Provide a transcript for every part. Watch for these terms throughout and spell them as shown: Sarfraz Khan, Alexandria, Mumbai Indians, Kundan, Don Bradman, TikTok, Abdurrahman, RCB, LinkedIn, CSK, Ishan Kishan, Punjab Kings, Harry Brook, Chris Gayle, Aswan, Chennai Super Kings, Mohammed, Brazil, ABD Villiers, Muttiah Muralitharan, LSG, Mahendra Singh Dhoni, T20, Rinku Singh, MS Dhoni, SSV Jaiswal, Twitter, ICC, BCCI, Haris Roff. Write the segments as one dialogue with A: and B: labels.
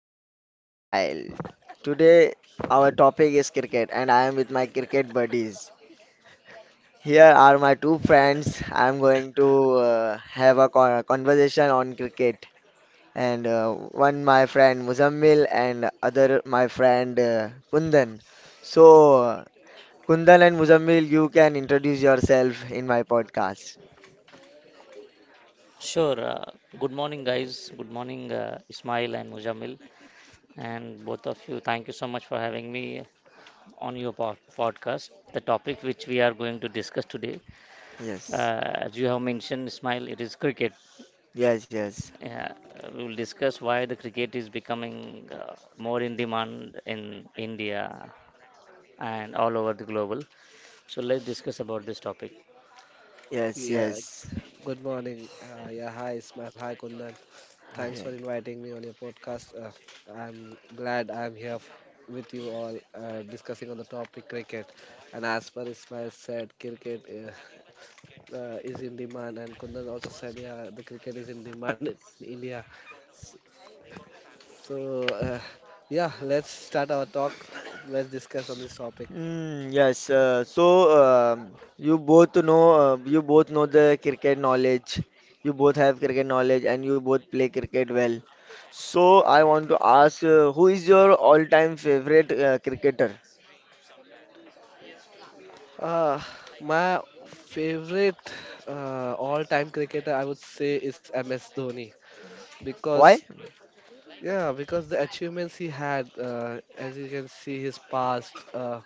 A: Here I am Smile. Today our topic is cricket and I am with my cricket buddies. Here are my two friends. I am going to have a conversation on cricket and one my friend Muzammil and other my friend Kundan. So uh, Kundan and Muzammil, you can introduce yourself in my podcast.
B: Sure. Good morning, guys. Good morning, Ismail and Mujamil, and both of you. Thank you so much for having me on your podcast. The topic which we are going to discuss today,
A: Yes.
B: as you have mentioned, Ismail, it is cricket.
A: Yes, yes.
B: Uh, we will discuss why the cricket is becoming more in demand in India and all over the global. So let's discuss about this topic.
A: Yes,
C: Yeah,
A: yes.
C: good morning. Yeah, hi Ismail, hi Kundan.
B: Hi.
C: Thanks for
A: Yes.
C: inviting me on your podcast. I'm glad with you all discussing on the topic cricket. And as per Ismail said, cricket is in demand, and Kundan also said, yeah, the cricket is in demand in India. So, yeah, let's start our talk. Let's discuss on this topic.
A: Mm, yes. So um you both know you both know the cricket knowledge. You both have cricket knowledge and you both play cricket well. So I want to ask who is your all-time favorite cricketer?
C: Uh, my favorite all-time cricketer, I would say, is MS Dhoni.
A: Why?
C: because yeah because the achievements he had, as you can see his past,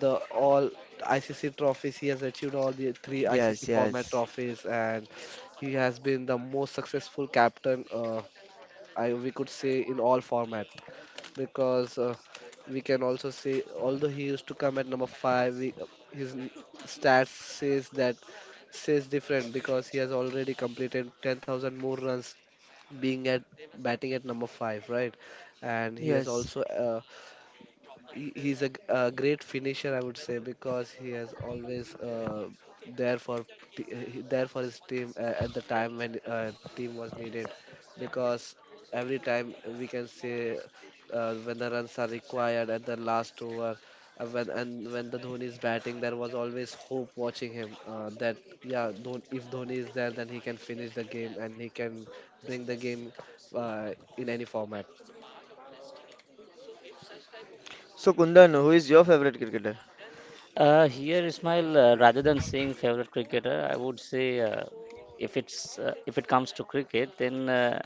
C: the all ICC trophies he has achieved, all the three ICC
A: Yes,
C: format
A: yes,
C: trophies, and he has been the most successful captain, I we could say, in all format, because we can also say, although he used to come at number 5, his n- stats says that, says different, because he has already completed 10,000 more runs being at batting at number five, right? And he has
A: yes.
C: also he's a great finisher, I would say, because he has always there for there for his team at the time when team was needed. Because every time we can say, when the runs are required at the last over, when the Dhoni is batting, there was always hope watching him, that yeah, if Dhoni is there then he can finish the game and he can bring the game, uh, in any format.
A: So Kundan, who is your favorite cricketer?
B: Here, Ismail, rather than saying favorite cricketer, I would say if it's if it comes to cricket, then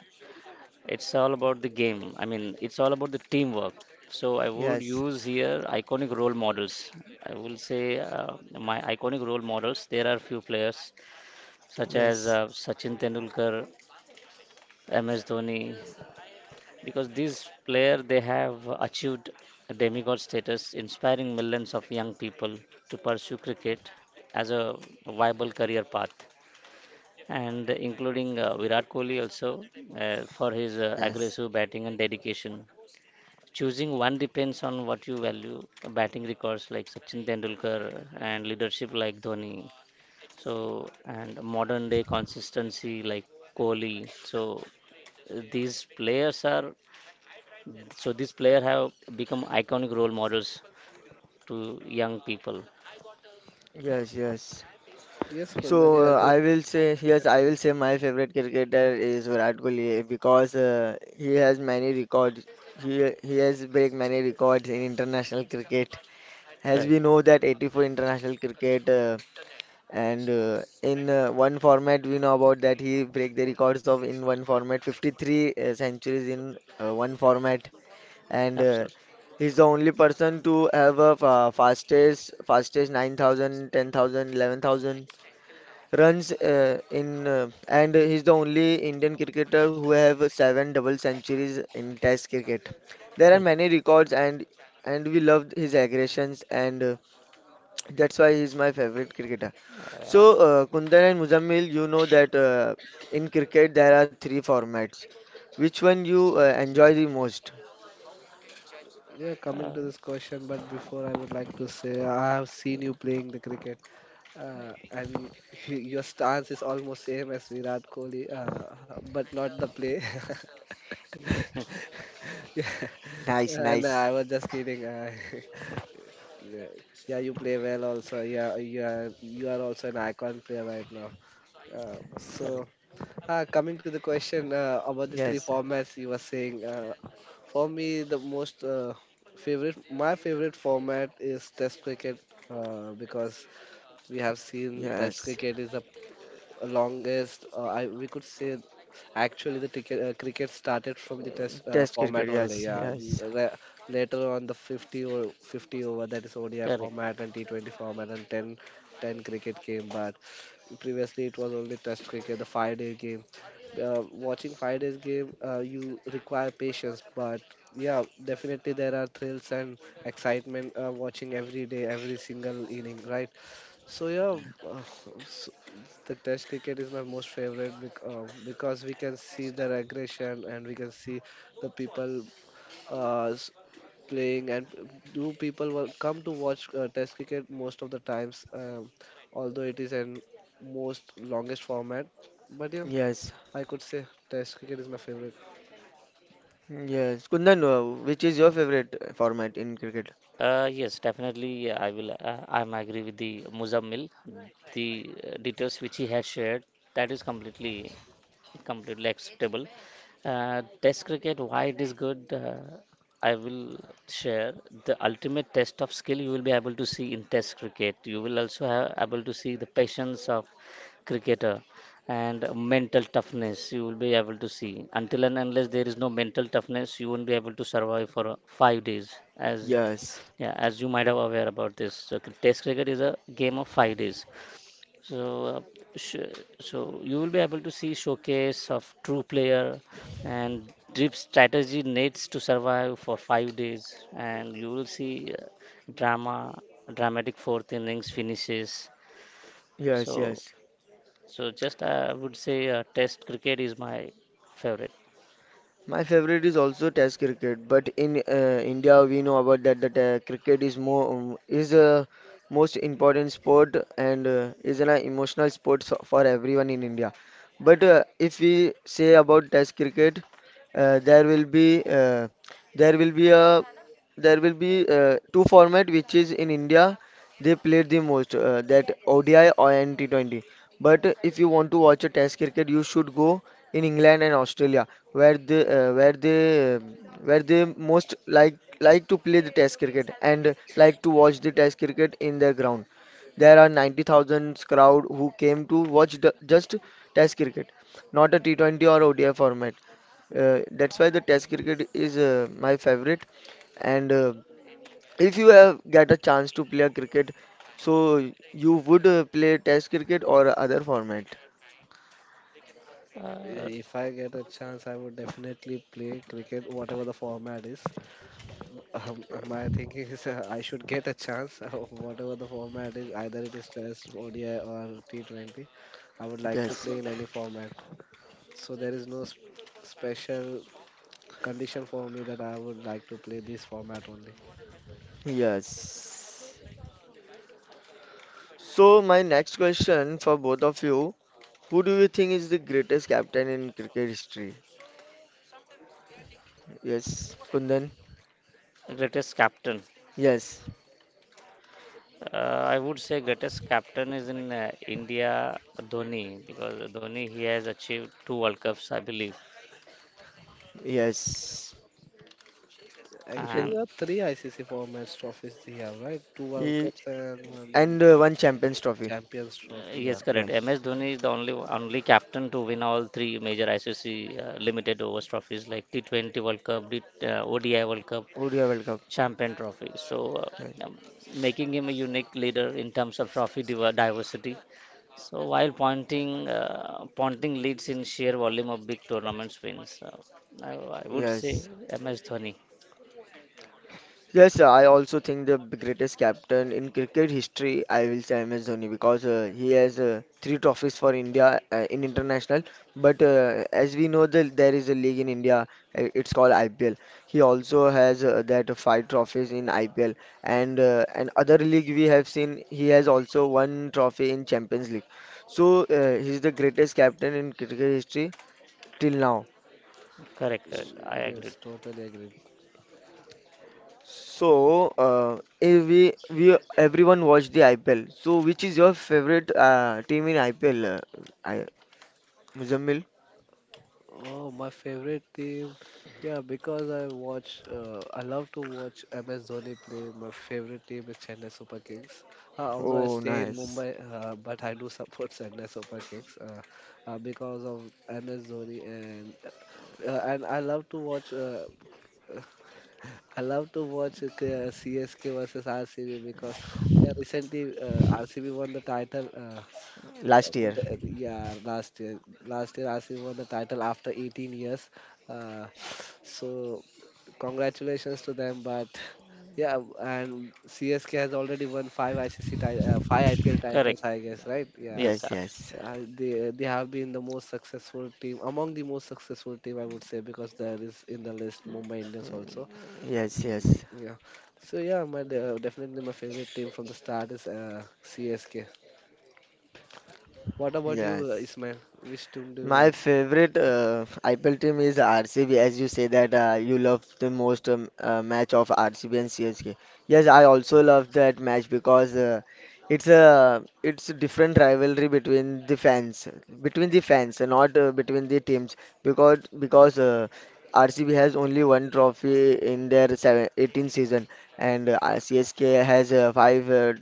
B: it's all about the game. I mean, it's all about the teamwork. So I would
A: Yes,
B: use here iconic role models. I will say my iconic role models. There are few players such as
A: yes,
B: Sachin Tendulkar, MS Dhoni, because these players they have achieved demigod status, inspiring millions of young people to pursue cricket as a viable career path, and including Virat Kohli also, for his
A: yes,
B: aggressive batting and dedication. Choosing one depends on what you value: batting records like Sachin Tendulkar and leadership like Dhoni, so, and modern day consistency like Kohli. So, these players are, so these players have become iconic role models to young people.
A: yes, yes.
C: Yes, Kundan, yeah.
A: So I will say, yes, I will say my favorite cricketer is Virat Kohli, because he has many records. He has break many records in international cricket. As
B: Correct.
A: we know that 84 international cricket, and in one format we know about that he break the records of in one format 53 centuries in one format, and
B: Absolutely.
A: he's the only person to have a fastest 9,000, 10,000, 11,000 runs in and he's the only Indian cricketer who have seven double centuries in Test cricket. There are many
B: Correct.
A: records, and we loved his aggressions, and that's why he's my favorite cricketer. So
B: Uh,
A: uh, Kundan and Muzammil, you know that in cricket there are three formats. Which one you enjoy the most?
C: Yeah, coming
B: uh,
C: to this question, but before I would like to say I have seen
A: Yeah.
C: you playing the cricket, and your stance is almost same as Virat Kohli, but not the play.
B: yes. Hmm.
C: Yeah,
A: Nice,
C: and
A: nice.
C: I was just kidding. Yeah, yeah, you play well also. Yeah, you are also an icon player right now. Uh, so
B: Correct.
C: coming to the question about the three
A: Yes,
C: formats you were saying, for me the most favorite, my favorite format is Test cricket, because we have seen Test
A: yes.
C: cricket is a longest, I we could say, actually the cricket started from the test
A: Test cricket.
C: format only.
A: Yes,
C: Yeah,
A: yes,
C: later on the 50 or 50 over, that is ODI
B: Correct.
C: format and T20 format and 10 cricket came. But previously it was only test cricket, the 5 day game. Watching 5 days game, you require patience, but yeah, definitely there are thrills and excitement watching every day, every single inning, right? So yeah, uh, s it's the test cricket is my most favorite because we can see their aggression and we can see the people uh, s- playing and do people come to watch test cricket most of the times, although it is an most longest format, but yeah,
A: yes.
C: I could say test cricket is my favorite.
A: Yes, Kundan, which is your favorite format in cricket?
B: Yes, definitely. I will. I'm agree with the Muzammil. The details which he has shared, that is completely, completely acceptable. Test cricket, why it is good, I will share. The ultimate test of skill you will be able to see in Test cricket. You will also have able to see the patience of cricketer, and mental toughness you will be able to see. Until and unless there is no mental toughness you won't be able to survive for 5 days as,
A: Yes,
B: yeah, as you might have aware about this, so Test cricket is a game of 5 days. So, sh so you will be able to see showcase of true player, and drip strategy needs to survive for 5 days, and you will see drama, dramatic fourth innings finishes.
A: yes,
B: So,
A: yes.
B: so just I would say Test cricket is my favorite.
A: My favorite is also Test cricket, but in India we know about that cricket is the most important sport, and is an emotional sport for everyone in India. But if we say about Test cricket, uh, there will be uh, there will be a there will be two format which is in India they played the most that ODI or N T20. But if you want to watch a Test cricket, you should go in England and Australia, where they uh, where they um, where they most like to play the Test cricket and like to watch the Test cricket in their ground. There are 90,000 crowd who came to watch just Test cricket, not a T20 or ODI format. That's why the Test cricket is my favorite. And if you have get a chance to play a cricket, so you would play test cricket or other format.
B: uh,
C: If I get a chance, I would definitely play cricket, whatever the format is. My thinking is I should get a chance, whatever the format is, either it is Test, ODI, or T20. I would like to
A: Yes.
C: play in any format. So there is no special condition for me that I would like to play this format only.
A: Yes. So my next question for both of you, who do you think is the greatest captain in cricket history? Yes, Kundan.
B: Greatest captain.
A: Yes.
B: I would say greatest captain is in India, Dhoni, because Dhoni he has achieved two World Cups, I believe.
A: Yes. You can
C: Actually,
B: And
C: there are three ICC formats trophies they have, right? Two World
A: he
C: Cups and one
A: and one Champions Trophy.
C: Champions Trophy. Yeah.
B: yes, correct.
A: Yes.
B: MS Dhoni is the only captain to win all three major ICC limited overs trophies like T20 World Cup, D, ODI World Cup,
A: ODI World Cup.
B: Champion Trophy. So
A: Yes.
B: um, making him a unique leader in terms of trophy diversity. So while pointing, pointing leads in sheer volume of big tournaments wins. I, I would say
A: Yes.
B: MS Dhoni.
A: Yes, I also think the greatest captain in cricket history, I will say MS Dhoni because he has three trophies for India in international. But as we know, that there is a league in India, it's called IPL. He also has that five trophies in IPL, and other league we have seen he has also one trophy in Champions League. So he's the greatest captain in cricket history till now.
B: Correct, correct. I agree.
C: Yes, totally agree.
A: So, if we, we everyone watched the IPL. So, which is your favorite team in IPL? I, Muzammil?
C: Oh, my favorite team. Yeah, because I watch, I love to watch MS Dhoni play. My favorite team is Chennai Super Kings. Although I
A: Oh,
C: stay in
A: nice.
C: Mumbai, but I do support Chennai Super Kings, because of MS Dhoni, and I love to watch. I love to watch CSK versus RCB, because yeah, recently RCB won the title.
A: Last year.
C: Yeah, last year Asif won the title after 18 years. Uh, so congratulations to them. But yeah, and CSK has already won five five IPL
B: Correct.
C: titles, I guess, right? Yeah.
B: Yes,
A: Yes,
B: abs-
A: yes.
C: They have been the most successful team, among the most successful team, I would say, because there is in the list Mumbai Indians also,
A: Mm, yes, yes.
C: yeah. So yeah, definitely my favorite team from the start is CSK. What about you,
A: Yes.
C: Ismail? Which team do you
A: My
C: like?
A: favorite IPL team is RCB, as you say that you love the most match of RCB and CSK. Yes, I also love that match because it's a different rivalry between the fans, and not between the teams. Because RCB has only one trophy in their 18 season, and CSK has five uh,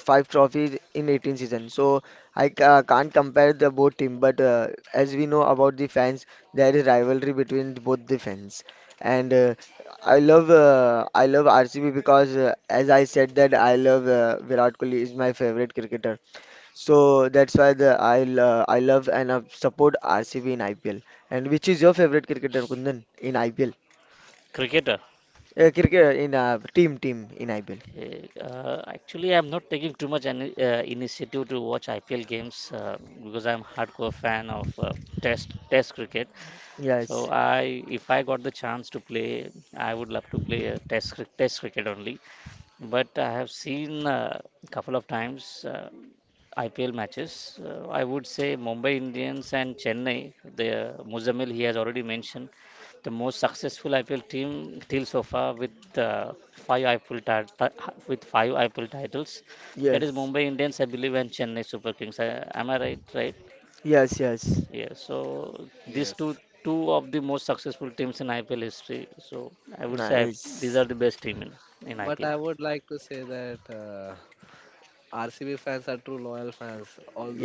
A: five trophies in 18 seasons. So I can't compare the both team, but as we know about the fans, there is rivalry between both the fans. And I love RCB because as I said that I love Virat Kohli is my favorite cricketer. So that's why I love and support RCB in IPL. And which is your favorite cricketer, Kundan, in IPL?
B: cricketer.
A: Cricket in team team in IPL.
B: Okay. Actually, I'm not taking too much any, initiative to watch IPL games, because I'm hardcore fan of Test cricket. So
A: Yes,
B: I, if I got the chance to play, I would love to play Test cricket only. But I have seen a couple of times. IPL matches, I would say Mumbai Indians and Chennai. The Muzamil he has already mentioned the most successful IPL team till so far with five IPL with five IPL titles. That is
A: yes,
B: Mumbai Indians, I believe, and Chennai Super Kings. Am I right? Right?
A: yes, yes.
B: Yeah. So these two,
C: Yes,
B: two of the most successful teams in IPL history. So I would say these are
A: Nice.
B: the best team in
C: but
B: IPL.
C: I would like to say that RCB fans are true loyal fans.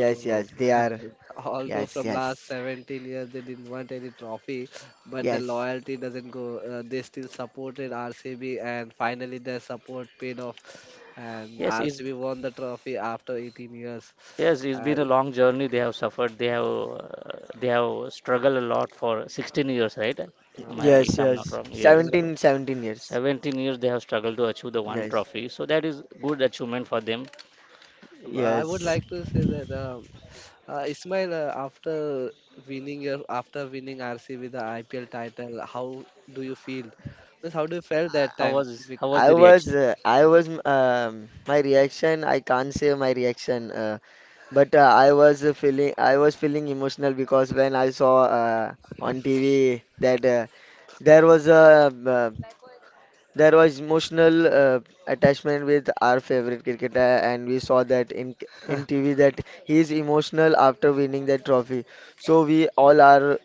A: Yes, yes, they are.
C: although
A: Yes,
C: from last
A: yes,
C: 17 years they didn't want any trophy, but the
A: yes,
C: loyalty doesn't go. They still supported RCB, and finally their support paid off, and
B: Yes, it's,
C: RCB won the trophy after 18 years.
B: yes, it's been
C: And
B: a
C: it,
B: long journey. They have suffered. They have struggled a lot for 16 years, right? Am I,
C: uh,
B: if
A: yes,
B: I'm not
A: yes.
B: wrong,
C: the,
B: yes. So
A: Seventeen years.
B: 17 years they have struggled to achieve the one
A: Yes,
B: trophy. So that is good achievement for them.
C: I would
B: So
A: yes.
C: like to say that. Ismail, after winning your after winning RC with the IPL title, how do you feel? Means how do you felt that
B: how
C: time?
B: was, how was the reaction?
A: My reaction, I can't say my reaction, but I was feeling emotional because when I saw on TV that there was a uh, There was emotional attachment with our favorite cricketer, and we saw that in TV that he is emotional after winning that trophy. So we all are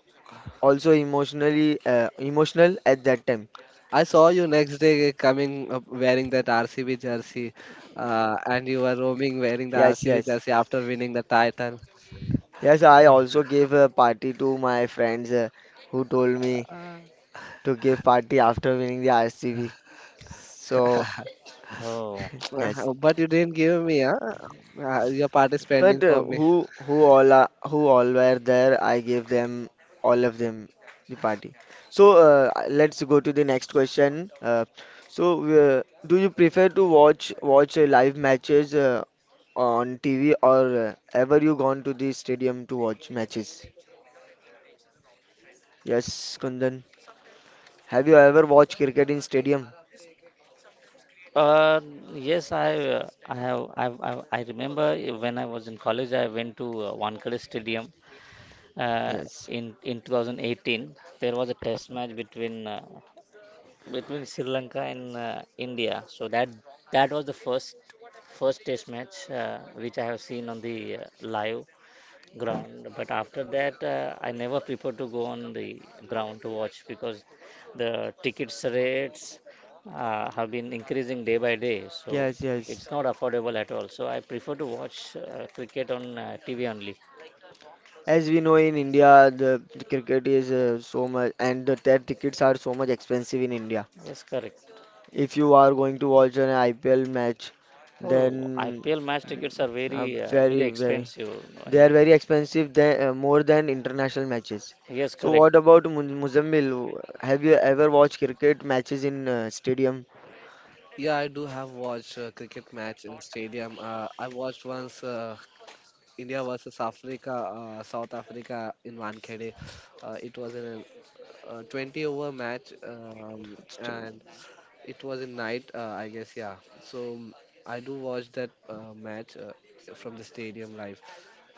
A: also emotional at that time.
C: I saw you next day coming up wearing that RCB jersey, and you were roaming wearing the
A: Yes,
C: RCB
A: yes,
C: jersey after winning the title.
A: yes. I also gave a party to my friends who told me to give party after winning the RCB. So
B: Oh,
A: yes.
C: But you didn't give me, huh? Your part is pending
A: But
C: for
A: uh,
C: me.
A: who all were there? I gave them all of them the party. So let's go to the next question. So do you prefer to watch live matches on TV, or ever you gone to the stadium to watch matches? Yes, Kundan. Have you ever watched cricket in stadium?
B: uh, yes, I have I remember when I was in college, I went to Wankhede Stadium uh,
A: Yes,
B: in 2018. There was a test match between between Sri Lanka and India. So that, that was the first test match which I have seen on the live ground. But after that, I never prefer to go on the ground to watch because the tickets rates have been increasing day by day. So
A: yes, yes.
B: it's not affordable at all. So I prefer to watch cricket on TV only.
A: As we know in India, the cricket is so much, and their tickets are so much expensive in India.
B: Yes, correct.
A: If you are going to watch an IPL match,
B: Oh,
A: then
B: IPL match tickets are
A: are
B: very very
A: very, very,
B: expensive. I
A: they are
B: mean,
A: very expensive, more than international matches.
B: yes,
A: So
B: correct.
A: what about Muzammil? Have you ever watched cricket matches in stadium?
C: Yeah, I do have watched cricket match in stadium. I watched once. India versus Africa, South Africa in Wankhede. It was in a 20 over match,
A: St-
C: and it was in night, I guess, yeah. So I do watch that match from the stadium live.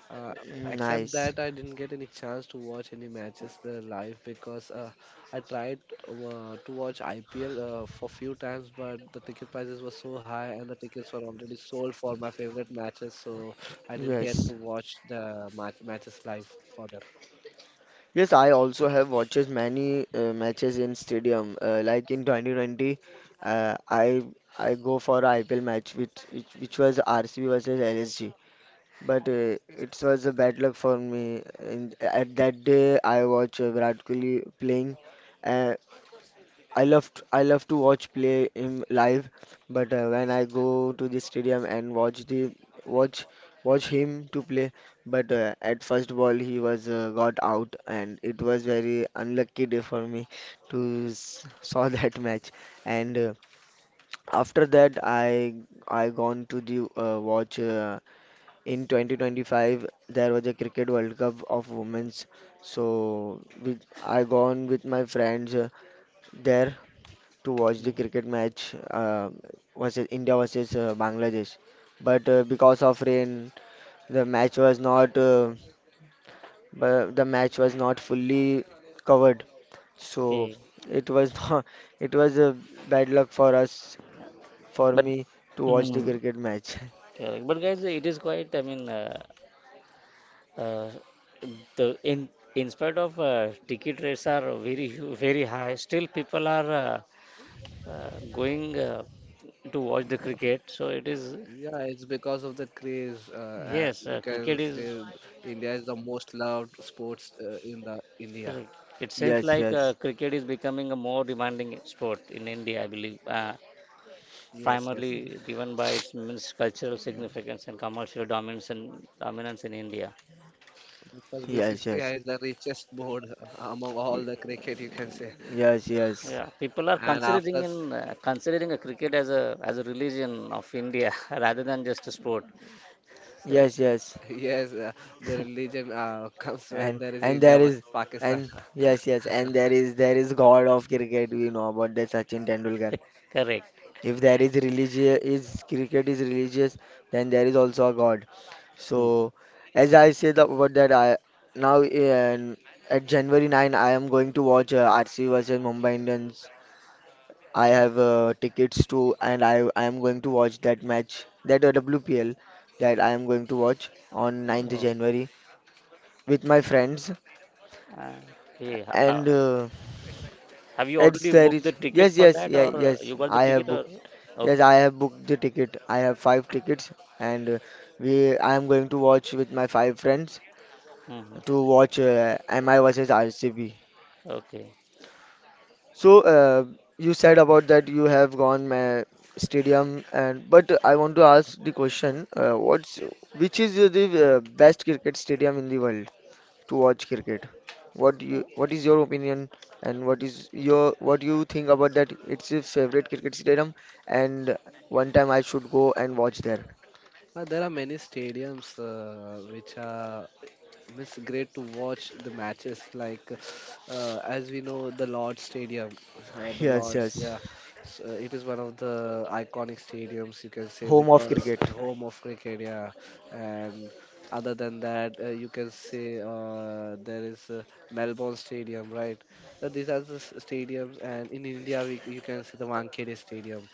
C: Uh, Except
A: Nice.
C: that I didn't get any chance to watch any matches live, because I tried to watch IPL for few times, but the ticket prices were so high and the tickets were already sold for my favorite matches, so I didn't get to
A: Yes.
C: watch the match matches live for them.
A: Yes, I also have watches many matches in stadium. Like in 2020, uh, I I go for a IPL match which was RCB versus LSG. But it was a bad luck for me. And at that day, I watched Virat Kohli playing. Uh, I love to watch play him live, but when I go to the stadium and watch the watch watch him to play, but at first ball he was got out, and it was very unlucky day for me to s saw that match. And after that, I gone to the watch. In 2025 there was a cricket world cup of women's, so I gone with my friends there to watch the cricket match, versus India versus Bangladesh, but because of rain the match was not bu- the match was not fully covered, so
B: Okay,
A: it was not, it was a bad luck for
B: but
A: me to watch the
B: mm,
A: cricket match.
B: correct. But guys, it is quite. I mean, uh, the in spite of ticket rates are very very high, still people are going to watch the cricket. So it is,
C: Yeah, it's because of the craze,
B: yes,
C: and you can
B: cricket is
C: say India is the most loved sports in the India.
B: correct. It seems
A: Yes,
B: like
A: yes,
B: cricket is becoming a more demanding sport in India, I believe.
C: Yes, yes.
B: Primarily driven by its means cultural significance and commercial dominance and dominance in India.
C: Because
A: yes, yes,
C: BCCI is the richest board among all
A: Y-
C: the cricket, you can say.
A: yes, yes,
B: Yeah, people are
C: and after
B: considering in
C: s-
B: considering a cricket as a religion of India rather than just a sport. So,
A: yes, yes,
C: yes, the religion, comes when there is
A: and there
C: India
A: is
C: versus Pakistan.
A: and yes, yes, and there is God of cricket. You know about the Sachin Tendulkar.
B: correct.
A: If there is religious, is cricket is religious, then there is also a God.
B: Mhm.
A: So, as I said about that, now in, at January 9, I am going to watch RCB versus Mumbai Indians. I have tickets to, and I am going to watch that match, that WPL, that I am going to watch on 9th
B: Oh,
A: January with my friends.
B: uh, okay.
A: And
B: Have you
A: it's
B: already
A: there
B: booked the
A: is
B: ticket
A: Yes,
B: for
A: yes,
B: that,
A: yeah,
B: or
A: yes.
B: you got the
A: I have
B: ticket, or
A: booked. Yes,
B: okay,
A: I
B: okay.
A: have booked the ticket. I have five tickets, and we. I am going to watch with my five friends
B: Mhm.
A: to watch MI versus RCB.
B: Okay.
A: So you said about that you have gone stadium, and but I want to ask the question. What's Which is the best cricket stadium in the world to watch cricket? What is your opinion, and what do you think about that? It's your favorite cricket stadium, and one time I should go and watch there.
C: There are many stadiums which are, it's great to watch the matches, like as we know the Lord Stadium, the
A: Yes,
C: Lords,
A: yes.
C: yeah. So it is one of the iconic stadiums, you can say,
A: Home of
C: because
A: cricket.
C: home of cricket, yeah. And other than that, you can say there is, Melbourne Stadium, right? So these are the stadiums, and in India we, you can see the Wankhede Stadium,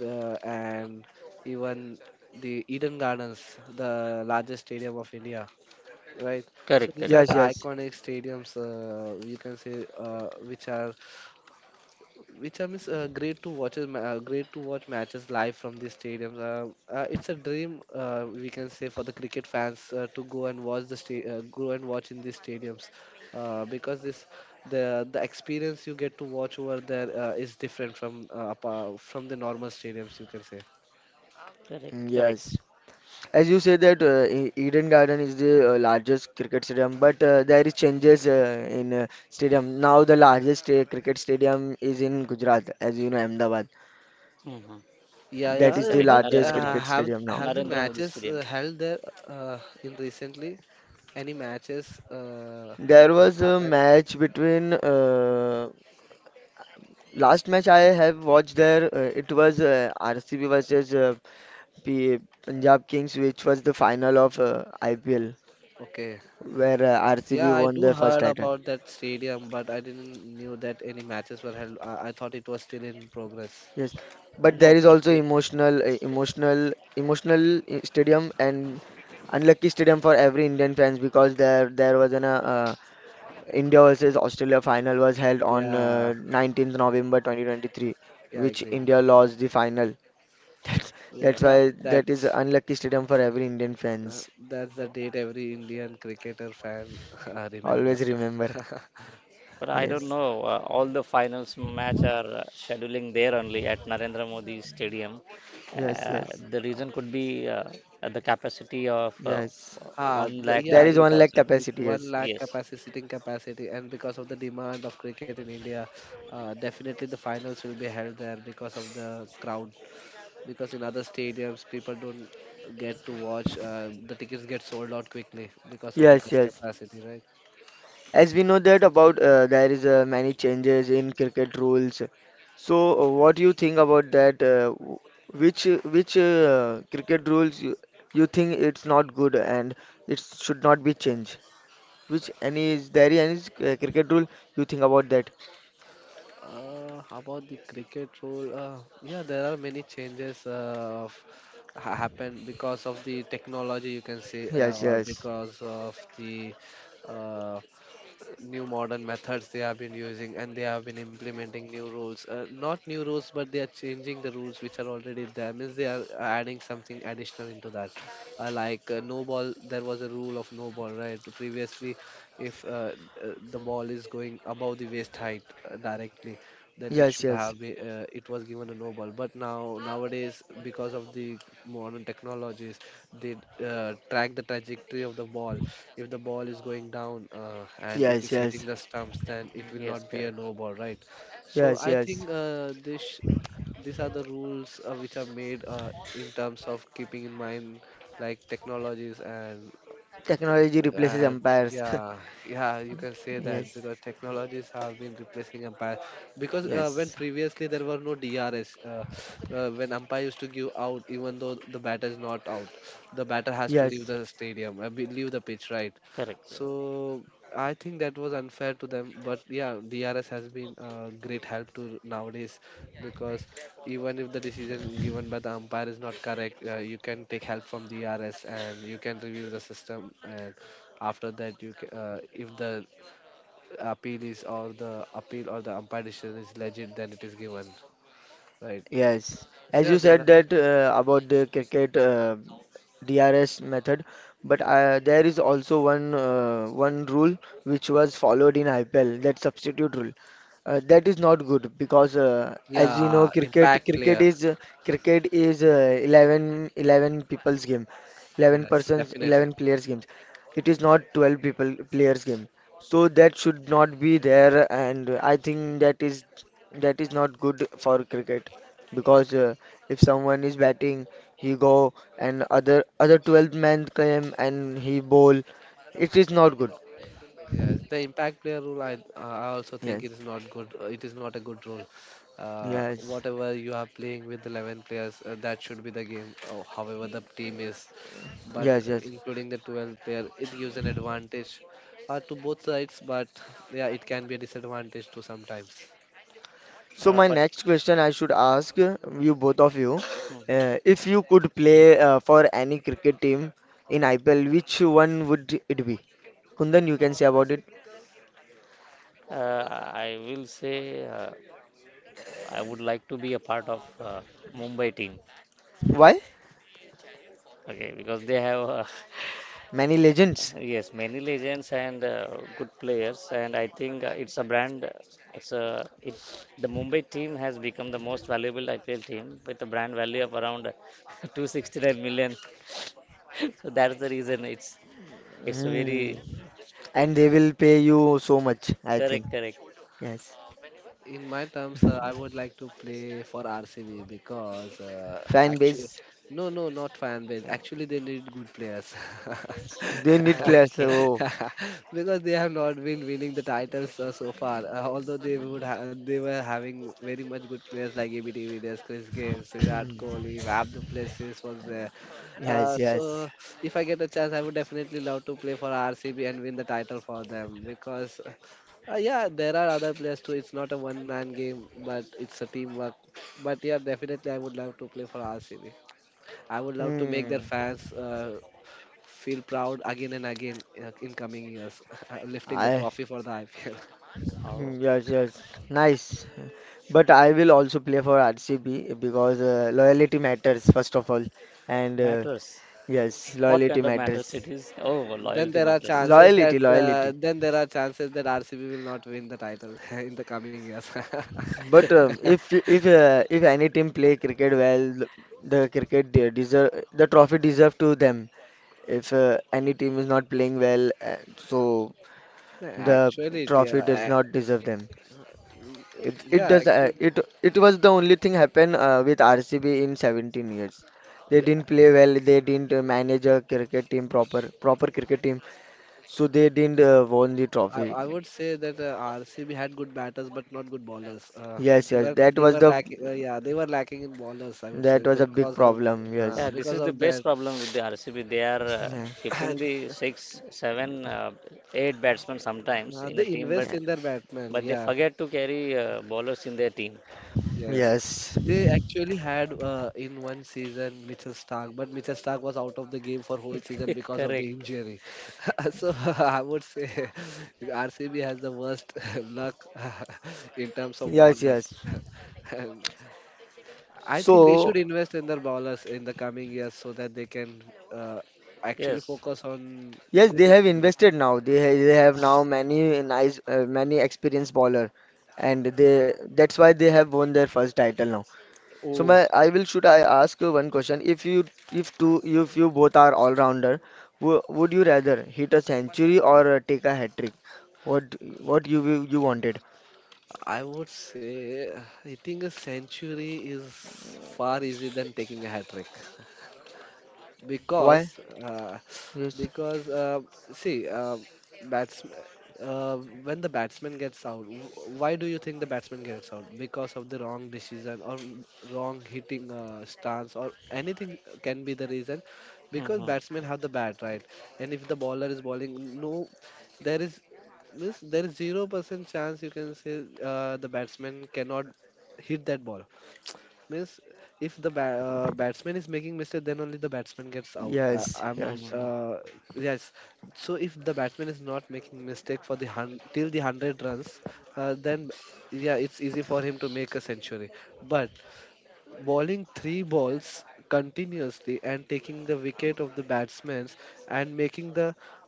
C: and even the Eden Gardens, the largest stadium of India, right? So
B: Correct,
C: these
B: correct,
C: are the
A: Yes, yes.
C: iconic stadiums. You can say which are, great to watch. Great to watch matches live from these stadiums. It's a dream. We can say, for the cricket fans to go and watch the go and watch in these stadiums. Because this, the experience you get to watch over there is different from, from the normal stadiums, you can say.
B: correct,
A: Mm,
B: correct.
A: yes, as you say that Eden Garden is the largest cricket stadium, but there is changes in stadium. Now the largest cricket stadium is in Gujarat, as you know, Ahmedabad.
B: Mhm.
C: Yeah, yeah,
A: That
B: Yes,
A: is the
B: correct.
C: but
A: largest
B: Narendra
C: uh,
B: Modi,
A: cricket
C: have
A: stadium now.
C: have the
B: Narendra Modi
C: matches
B: Stadium.
C: held there in recently? Any matches
A: There was a
C: happen?
A: match between Last match I have watched there. It was RCB versus P Punjab Kings, which was the final of IPL,
C: Okay.
A: where RCB
C: Yeah, I
A: won
C: do
A: their first
C: heard
A: title.
C: about that stadium, but I didn't knew that any matches were held. I thought it was still in progress.
A: Yes, but
B: No,
A: there is
B: but
A: also emotional, emotional stadium and unlucky stadium for every Indian fans because there was an India versus Australia final was held on
C: Yeah,
A: 19th November 2023,
C: yeah, I
A: which
C: agree.
A: India lost the final. That's
C: Yeah,
A: that's
B: yeah.
A: why that is
C: that's,
A: unlucky stadium for every Indian
C: uh,
A: fans.
C: that's the date every Indian cricketer fan
A: Always
C: remembers.
A: remember.
B: But I don't
A: Yes,
B: know. All the finals match are scheduling there only at Narendra Modi Stadium.
A: yes,
B: Uh,
A: yes,
B: the reason could be at the capacity of
A: yes.
B: one lakh
A: There
C: Yeah,
A: is
B: thirty-two
A: one
C: it's
A: lakh
B: thousand.
C: it's
A: capacity.
C: one
A: Yes,
C: lakh
B: Yes,
C: capacity, sitting capacity, and because of the demand of cricket in India, definitely the finals will be held there because of the crowd. Because in other stadiums people don't get to watch. The tickets get sold out quickly because of the
A: yes,
C: less
A: yes.
C: capacity, right?
A: As we know that about there is many changes in cricket rules. So, what do you think about that? Which cricket rules you think it's not good and it should not be changed? Which any, is there any cricket rule you think about that?
C: About the cricket rule, yeah, there are many changes happened because of the technology, you can say,
A: Yes,
C: or
A: yes,
C: because of the uh, new modern methods they have been using, and they have been implementing new rules, not new rules but they are changing the rules which are already there, means they are adding something additional into that, like no ball. There was a rule of no ball, right? Previously if the ball is going above the waist height directly, then it should
A: yes, yes.
C: have it was given a Nobel. But now nowadays, because of the modern technologies, they track the trajectory of the ball. If the ball is going down and it
A: Yes,
C: is hitting
A: yes,
C: the stumps, then it will
B: yes,
C: not be a
B: correct,
C: no ball, right? So
A: yes,
C: I think
A: yes.
C: this these are the rules which are made in terms of keeping in mind like technologies and
A: Technology
C: and
A: replaces
C: uh,
A: empires.
C: yeah yeah, you can say that
A: Yes,
C: because technologies have been replacing umpire because when
A: yes.
C: previously there were no drs when umpire used to give out even though the batter is not out the batter has to leave
A: Yes.
C: the stadium leave the pitch, right?
B: correct, correct.
C: So I think that was unfair to them, but yeah, drs has been a great help to nowadays because even if the decision given by the umpire is not correct, you can take help from drs and you can review the system, and after that if the appeal is or the appeal or the umpire decision is legit, then it is given, right?
A: Yes,
C: So
A: as
C: yeah,
A: you
C: there are
A: said that about the cricket DRS method, but there is also one rule which was followed in IPL, that substitute rule. That is not good because as we know,
C: yeah,
A: cricket
C: impact
A: cricket
C: player.
A: is uh, cricket is 11, eleven people's game, 11
C: Yes,
A: persons,
C: definitely.
A: 11 players games. It is not 12 people players game. So that should not be there, and I think that is not good for cricket because if someone is batting, he go and other 12 men come and he bowl. It is not good.
C: Yes, the impact player rule, I also think it
A: Yes,
C: is not good. It is not a good rule.
A: yes,
C: Whatever, you are playing with 11 players. That should be the game however the team is, but
A: yes, yes.
C: including the 12 player, it gives an advantage to both sides, but yeah, it can be a disadvantage too sometimes.
A: So my
B: But
A: next question I should ask you, both of you,
B: mhm.
A: if you could play for any cricket team in IPL, which one would it be? Kundan, you can say about it.
B: uh, I will say I would like to be a part of Mumbai team.
A: Why?
B: Okay, because they have
A: Many legends.
B: yes, many legends and good players, and I think it's a brand. It's a it, the Mumbai team has become the most valuable IPL team with a brand value of around 269 million. So that's the reason it's a very
A: Hmm. And they will pay you so much, I think.
B: correct, correct.
A: Yes.
C: In my terms, I would like to play for RCB because
A: Fan
C: actually,
A: base.
C: no, no, not fan base. Actually, they need good players
A: They need players.
B: Okay.
A: Oh,
C: because they have not been winning the titles so far. Although they would, they were having very much good players like ABD Villiers, Chris Gayle, Virat Kohli, Abdul Plessis was there.
A: yes, yes.
C: So if I get a chance, I would definitely love to play for RCB and win the title for them because yeah, there are other players too. It's not a one man game, but it's a teamwork. But yeah, definitely, I would love to play for RCB. I would love to make their
A: Hmm.
C: fans feel proud again and again in coming years, lifting the
A: I
C: trophy for the IPL.
A: Hmm,
B: Oh,
A: yes, yes. Nice. But I will also play for RCB because loyalty matters, first of all, and
B: matters.
A: yes,
B: What
A: loyalty
B: kind of
A: matters.
B: matters it is? Oh, loyalty matters.
A: Loyalty, loyalty.
C: Then there are chances that RCB will not win the title in the coming years.
A: But if any team play cricket well, the cricket, they deserve the trophy, deserve to them. If any team is not playing well, so the
C: Actually, it,
A: trophy
C: yeah,
A: does not deserve them. It
C: yeah,
A: does,
C: actually.
A: it was the only thing happen with RCB in 17 years. They didn't play well. They didn't manage a cricket team, proper cricket team. So they didn't won the
C: I,
A: trophy.
C: I would say that RCB had good batters but not good bowlers.
A: Yes,
C: They
A: yes,
C: were
A: that
C: they
A: was
C: were
A: the,
C: lacking. Yeah, they were lacking in bowlers. I would say
A: that was a big problem. Yes,
B: Yeah, this
C: because
B: is the
C: of
B: best
C: that.
B: problem with the RCB. They are
A: yeah.
B: keeping the six, seven, eight batsmen sometimes in a
C: They
B: team,
C: invest
A: Yeah.
C: in their batsmen.
B: but they
C: Yeah,
B: forget to carry bowlers in their team.
C: yes.
A: Yes,
C: They actually had in one season Mitchell Stark, but Mitchell Stark was out of the game for whole season because of the
B: Correct.
C: injury. so I would say RCB has the worst luck in terms of
A: yes,
C: bowlers.
A: yes.
C: I think they
A: So
C: should invest in their bowlers in the coming years so that they can uh, actually
B: Yes.
C: focus on
A: yes, they
C: good
A: have
C: bowling.
A: invested now. They have now many nice, many experienced bowler, and they that's why they have won their first title now. So
C: Oh,
A: my, I will, should I ask you one question? If you if two if you both are all rounder, w would you rather hit a century or take a hat trick? What what you will, you wanted?
C: I would say hitting a century is far easier than taking a hat trick.
A: Why?
C: Because
A: Yes,
C: because see batsman when the batsman gets out, why do you think the batsman gets out? Because of the wrong decision or wrong hitting stance or anything can be the reason, because
B: Hmm,
C: batsmen have the bat, right? And if the bowler is bowling no, there is means there is 0% chance, you can say the batsman cannot hit that ball. Means if the ba- batsman is making mistake, then only the batsman gets out. I,
A: yes,
C: I'm
A: yes,
B: hmm.
C: Yes. So if the batsman is not making mistake till the 100 runs, then yeah, it's easy for him to make a century. But bowling three balls continuously and taking the wicket of the batsman and making the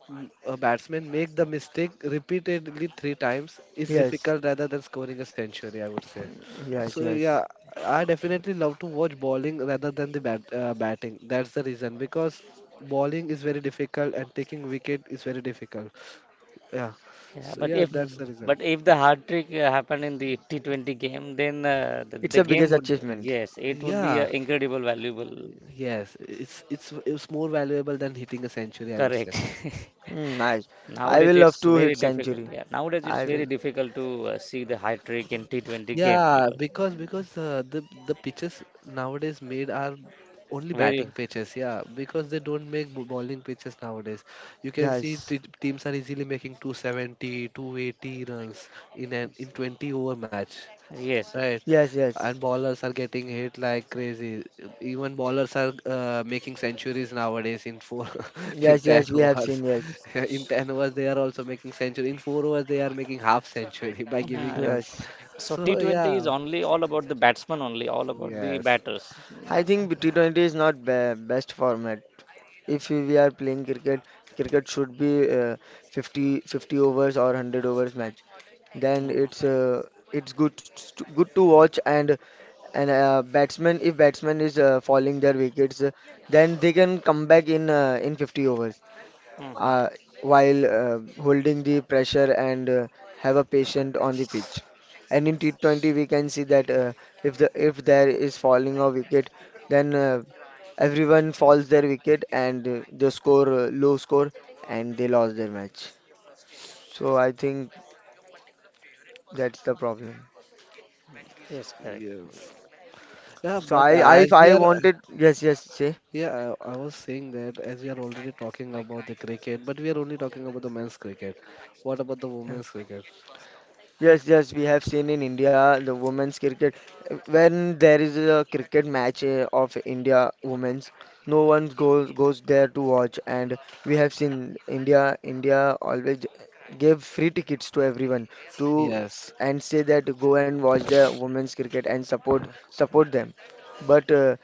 C: a batsman make the mistake repeatedly three times is
A: yes.
C: difficult rather than scoring a century, I would say.
A: Mm,
C: So
A: yes,
C: yeah,
A: yes.
C: I definitely love to watch bowling rather than batting. That's the reason, because bowling is very difficult and taking wicket is very difficult. Yeah.
B: Yeah,
C: So
B: but
C: yeah,
B: if,
C: that's the
A: Mm.
C: reason.
B: but if the hard trick happened in the T20 game, then
A: It's a
B: the game
A: biggest
B: would,
A: achievement.
B: yes, it would be
C: Yeah.
B: incredible valuable.
C: Yes, it's more valuable than hitting a century, I would say.
B: Correct.
A: Mm, nice. I
B: Nowadays,
A: will love
B: it's
A: to
B: very
A: hit
B: difficult.
A: century.
B: Yeah, nowadays it's
A: I
B: very
A: will.
B: difficult to see the high trick in T20 game
C: Yeah,
B: because
C: because the pitches nowadays made are only
B: very
C: batting pitches. Yeah, because they don't make bowling pitches nowadays. You can see
A: Yes,
C: t teams are easily making 270, 280 runs in 20 over match.
B: yes.
C: Right.
A: yes, yes,
C: And ballers are getting hit like crazy. Even ballers are making centuries nowadays in four, in
A: yes,
C: 10
A: yes. We have
C: overs.
A: seen, yes,
C: In 10 overs, they are also making century. In four overs, they are making half century by giving
B: Uh,
C: runs.
A: yes.
B: so
C: So,
B: T20 is
C: yeah.
B: only all about the batsman only, all about the
C: Yes.
B: batters.
A: I think T20 is not be best format. If we are playing cricket, cricket should be 50 50 overs or 100 overs match. Then
B: Mhm.
A: it's good to, good to watch, and batsman if batsman is falling their wickets, then they can come back in 50 overs,
B: Mhm.
A: uh, while holding the pressure and have a patient on the pitch. And in T20 we can see that, if there is falling a wicket, then everyone falls their wicket and they score low score and they lost their match. So I think that's the problem.
B: Yes, correct.
C: Yes. Yeah,
A: So
C: but
A: I I if
C: as we
A: I
C: are,
A: wanted, yes, yes, say.
C: yeah, I was saying that as we are already talking about the cricket, but we are only talking about the men's cricket. What about the women's cricket?
A: Yes, yes, we have seen in India the women's cricket. When there is a cricket match of India women's, no one goes there to watch, and we have seen India always give free tickets to everyone to
C: Yes.
A: and say that go and watch the women's cricket and support them. But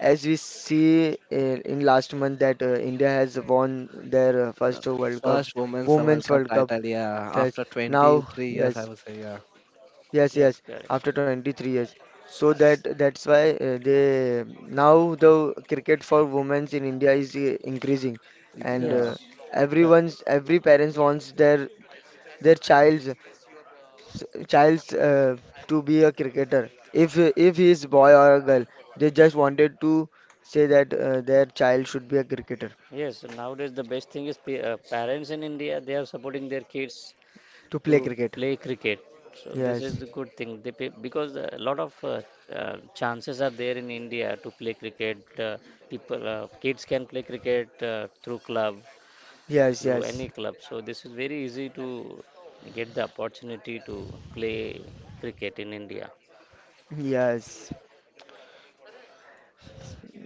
A: as we see in last month that India has won their
C: uh,
A: first World Cup,
C: First women's World
A: Women's
C: Cup
A: World Cup.
C: title. Yeah,
A: Yes,
C: after
A: now,
C: 23 years, I
A: yes.
C: would say. Yeah,
A: Yes,
B: Yes,
A: yes,
B: correct.
A: after 23 years. So that, that's why they now the cricket for women's in India is increasing, and
C: yeah.
B: Yes, correct.
A: everyone's, every parents wants their child's to be a cricketer. If he is boy or a girl, they just wanted to say that their child should be a cricketer
B: Yes, nowadays the best thing is parents in India they are supporting their kids
A: to
B: to
A: play cricket.
B: play cricket. So this
A: Yes,
B: is a good thing. They pay, because a lot of chances are there in India to play cricket. People, kids can play cricket through club,
A: yes,
B: through
A: yes,
B: any club. So this is very easy to get the opportunity to play cricket in India.
A: yes.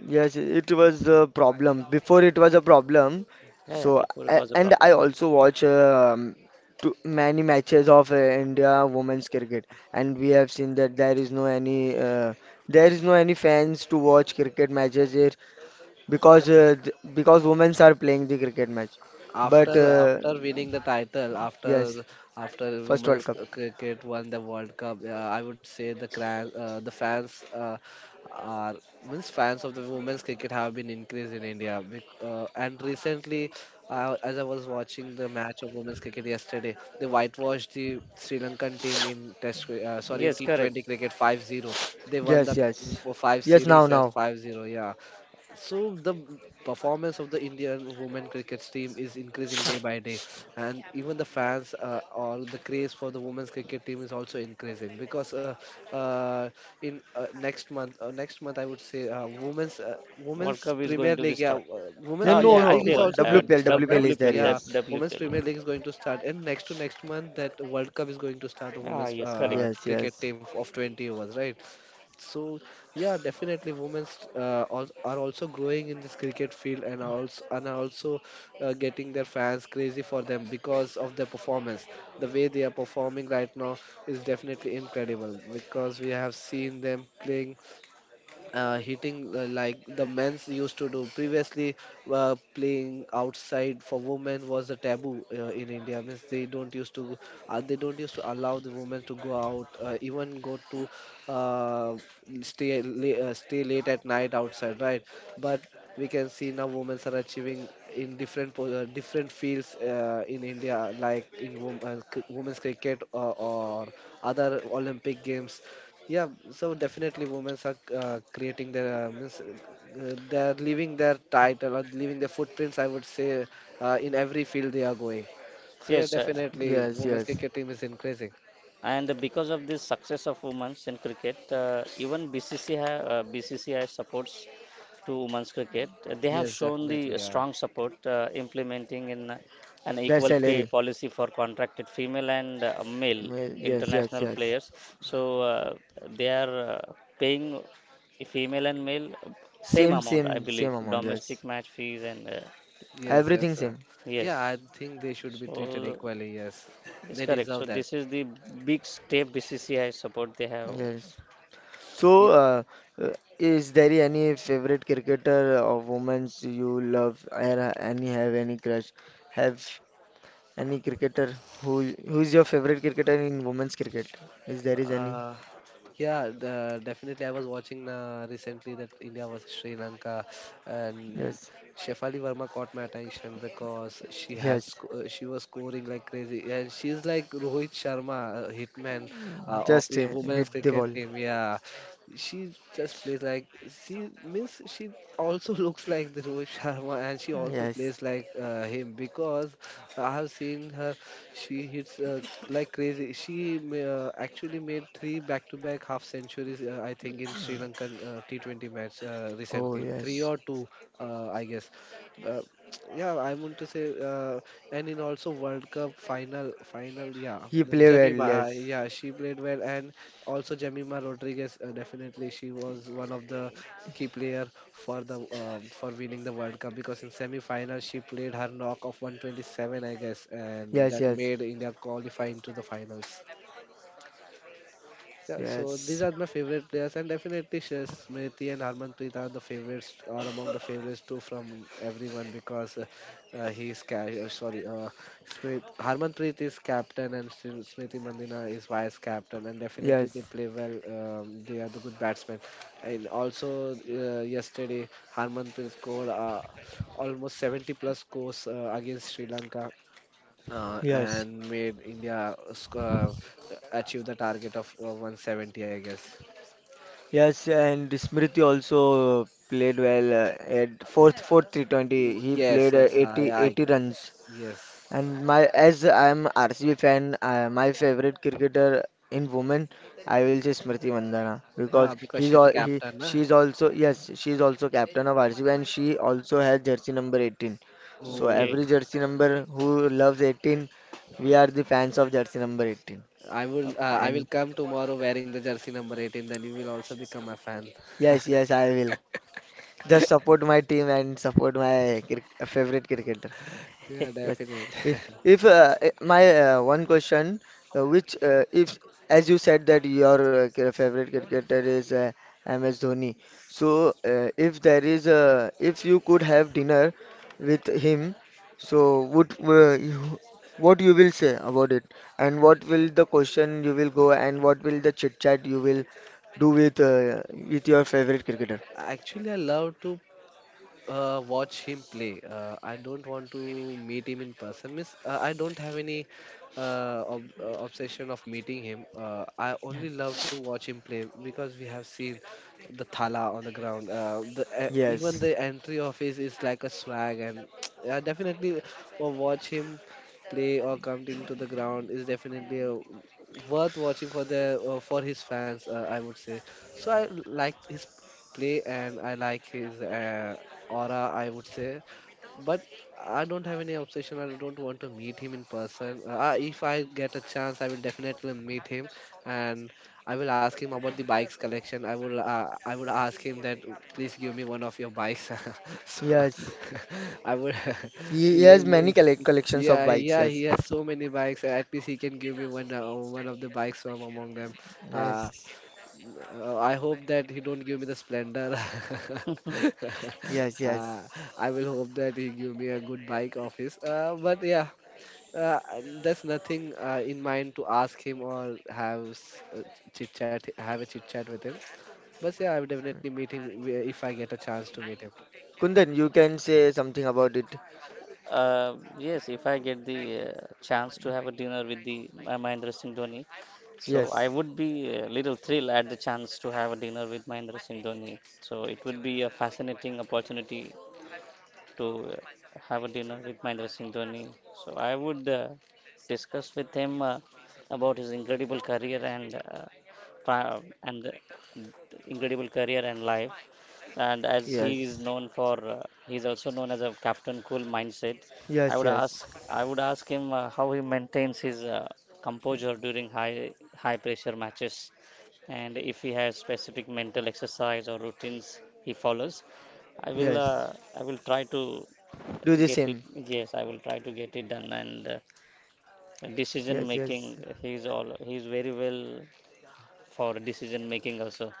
A: Yes, it was a problem. Before it was a problem.
B: Yeah, yeah, before it was a
A: And I
B: problem.
A: also watch to many matches of India women's cricket, and we have seen that there is no any, there is no any fans to watch cricket matches here because because women's are playing the cricket match. But
B: Yes,
C: After
B: correct.
C: after winning the title,
A: yes,
C: after after
A: first World
C: women's
A: Cup.
C: cricket won the world cup, I would say the fans are means fans of the women's cricket have been increased in India. And recently, as I was watching the match of women's cricket yesterday, they whitewashed the Sri Lankan team in sorry, in
B: Yes, correct.
C: T20 cricket, 5-0. They won the
A: Yes, yes,
C: for 5
A: yes. Now,
C: series as
A: now.
C: 5-0. Yeah, so the performance of the Indian women cricket team is increasing day by day, and even the fans or the craze for the women's cricket team is also increasing because uh, in next month, next month, I would say,
B: World
C: women's
B: Cup is
C: Premier
B: going to be
C: League, yeah,
B: start.
C: women's
A: No,
B: Oh yeah,
A: no,
C: Premier
A: no.
C: League is
B: IPL,
C: also going to
A: WPL,
C: start, right?
A: WPL is there.
B: WWPL,
C: Yeah,
A: Yes,
C: women's
B: WWPL. Yeah.
C: Premier League is going to start, and next to next month that World Cup is going to start of
B: Ah
C: women's
B: yes, correct.
A: yes,
C: cricket
A: yes,
C: team of 20 overs, right? So yeah, definitely women are also growing in this cricket field and are also and are also getting their fans crazy for them because of their performance. The way they are performing right now is definitely incredible, because we have seen them playing hitting like the men's used to do previously. Playing outside for women was a taboo in India. Means they don't used to they don't used to allow the women to go out, even go to uh, stay late at night outside, right? But we can see now women are achieving in different fields in India, like in women's cricket or other olympic games. Yeah, so definitely women are creating their means they are leaving their title or leaving their footprints. I would say in every field they are going. So yeah,
B: Yes,
C: definitely
A: yes,
C: women's
A: yes.
C: cricket team is increasing.
B: and because of this success of women's in cricket, even BCCI BCCI supports to women's cricket. They have
C: Yes,
B: shown the
C: definitely. Yeah.
B: strong support, implementing in an
A: That
B: equal pay
A: salary.
B: policy for contracted female and male
A: Well, yes, yes,
B: international
A: yes.
B: players, so they are paying female and male same
A: Same,
B: amount, I
A: same,
B: believe,
A: same amount. Yes,
B: domestic match fees and
C: Yes,
A: everything
C: yes.
A: same.
C: Yeah,
B: yes,
C: I think they should be treated
B: so
C: equally. Yes,
B: it's
C: they
B: correct. So
C: deserve that.
B: this is the big step BCCI support they have.
A: Yes. So,
C: Yeah.
A: uh, is there any favorite cricketer or women's you love? Or any, have any crush? Have any cricketer who who is your favorite cricketer in women's cricket? Is there is any?
C: Uh, Yeah, definitely. I was watching recently that India versus Sri Lanka, and
A: Yes,
C: Shefali Verma caught my attention because
A: yes.
C: she was scoring like crazy, and she's like Rohit Sharma, hitman of
A: Just
C: a women's
A: hit the
C: cricket
A: ball.
C: team. Yeah, she just plays like she means she also looks like the Rohit Sharma, and she also
A: Yes.
C: plays like him because I have seen her. She hits like crazy. Actually made three back-to-back half centuries, I think, in Sri Lankan T20 match
A: Oh,
C: recently. Three
A: yes.
C: or two, I guess. Uh, yeah, I want to say, and in also World Cup final, yeah,
A: He play well.
C: Jemima,
A: Yes.
C: yeah, she played well, and also Jemima Rodriguez, definitely, she was one of the key player for the for winning the World Cup because in semi-final she played her knock of 127, I guess, and
A: Yes,
C: that
A: yes,
C: made India qualify into the finals. Yeah, so
A: yes,
C: these are my favorite players, and definitely Smriti and Harmanpreet are the favorites, are among the favorites too from everyone because sorry, Harmanpreet is captain and Smriti Mandina is vice captain, and definitely they
A: yes,
C: play well. They are the good batsmen, and also yesterday Harmanpreet scored almost 70 plus scores against Sri Lanka
A: yes.
C: and made India achieve the target of 170, I guess.
A: Yes, and Smriti also played well at fourth 320. He
C: Yes,
A: played
C: yes,
A: 80
C: yeah,
A: 80 runs.
C: yes.
A: And my, as I'm RCB fan, my favorite cricketer in women, I will say Smriti Mandhana because
C: Ah, because
A: he's
C: she's the
A: all, he,
C: captain, na?
A: she's also, yes, she's also captain of RCB and she also has jersey number 18. So
C: Oh,
A: every
B: Okay.
A: jersey number who loves 18, we are the fans of jersey number 18.
B: Okay.
C: I will
A: And
C: come tomorrow wearing the jersey number 18. Then you will also become a fan.
A: yes, yes, I will. Just support my team and support my cri, favorite cricketer.
C: Yeah,
A: Yes.
C: definitely.
A: If eh, My one question, which if as you said that your favorite cricketer is MS Dhoni. So if there is a if you could have dinner with him, so would what you will say about it, and what will the question you will go, and what will the chit chat you will do with your favorite cricketer?
C: Actually, I love to watch him play. I don't want to meet him in person. Miss, I don't have any obsession of meeting him. I only love to watch him play, because we have seen the thala on the ground. The Even
A: Yes.
C: the entry of his is like a swag, and I definitely will watch him play or coming to the ground is definitely a worth watching for the for his fans. I would say. So I like his play and I like his aura, I would say. But I don't have any obsession. I don't want to meet him in person. If I get a chance, I will definitely meet him and I will ask him about the bikes collection. I would ask him that please give me one of your bikes. so
A: Yes.
C: I would
A: He
C: yeah,
A: has
C: yeah,
A: many collections of
C: yeah,
A: bikes.
C: yeah, he
A: Yes,
C: has so many bikes. At least he can give me one of the bikes from among them. Uh,
A: yes,
C: I hope that he don't give me the splendor.
A: yes, yes.
C: uh, I will hope that he give me a good bike of his. But yeah, uh, that's nothing in mind to ask him or have a chit chat with him. But yeah, I will definitely meet him if I get a chance to meet him.
A: Kundan, you can say something about it.
B: Yes, if I get the chance to have a dinner with the Mahendra Singh Dhoni, so I
A: Yes,
B: would be a little thrilled at the chance to have a dinner with Mahendra Singh Dhoni. So it would be a fascinating opportunity to have a dinner with Mahendra Singh Dhoni. So I would discuss with him about his incredible career and and the incredible career and life. And as he is
A: yes,
B: known for, he is also known as a captain cool mindset.
A: yes, yes,
B: I would ask him how he maintains his composure during high pressure matches, and if he has specific mental exercise or routines he follows. I will uh,
A: yes.
B: I will try to
A: Do the
B: get it.
A: same.
B: Yes, I will try to get it done. And decision
A: Yes,
B: making,
A: yes,
B: he's very well for decision making also.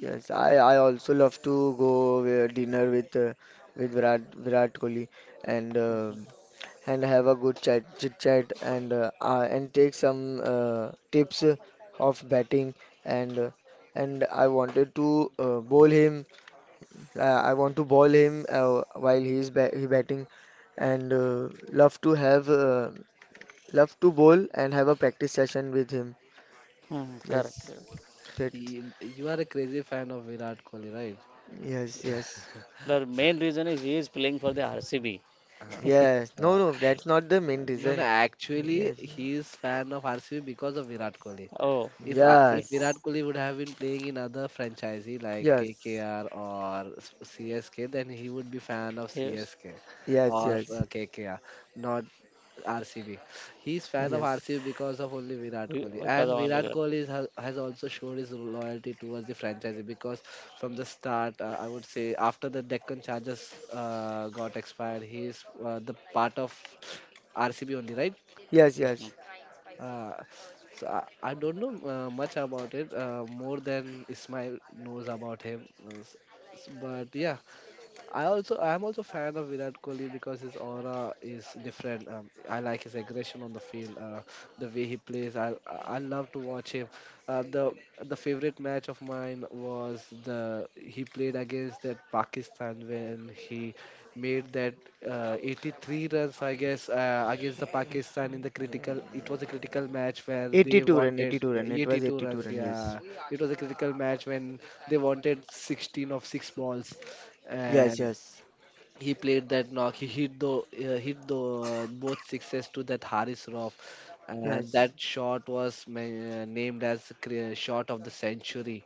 A: yes. I also love to go dinner with with Virat Kohli and uh,
B: Mhm.
A: and have a good chat, chit chat, and take some tips of batting and uh, and I wanted to bowl him. I want to ball him while he batting, and love to have love to bowl and have a practice session with him.
B: Hmm, correct.
A: Yes, that,
C: You are a crazy fan of Virat Kohli, right?
A: yes, yes,
B: The main reason is he is playing for the RCB.
C: Uh,
A: yes. No,
C: uh,
A: no, that's not the main
C: no,
A: reason.
C: actually,
A: Yes,
C: he is fan of RCB because of Virat Kohli.
B: Oh,
C: If
B: okay.
A: yes,
C: Virat Kohli would have been playing in other franchisee like
A: yes,
C: KKR or CSK, then he would be fan of
B: Yes,
C: CSK
A: yes,
C: or
A: yes,
C: KKR, not RCB. He's fan of
A: yes,
C: RCB because of only Virat Kohli,
B: because of
C: and
B: only
C: Virat Kohli has also showed his loyalty towards the franchise because from the start, I would say after the Deccan Chargers got expired, he's the part of RCB only, right?
A: yes,
B: mhm.
A: yes.
C: Uh, so I don't know much about it, more than Ismail knows about him. But yeah, I'm also fan of Virat Kohli because his aura is different. I like his aggression on the field, the way he plays. I love to watch him. Uh, the the favorite match of mine was the he played against that Pakistan when he made that 83 runs I guess against the Pakistan in the critical. It was a critical match where they
A: 82 run,
C: wanted
A: 82 run. It was
C: 82
A: 82
C: runs.
A: run. Yes,
C: Yeah, it was a critical match when they wanted 16 of six balls
A: yes,
C: and
A: yes,
C: he played that knock. He hit the both sixes to that Haris Roff, and
A: yes,
C: that shot was named as shot of the century.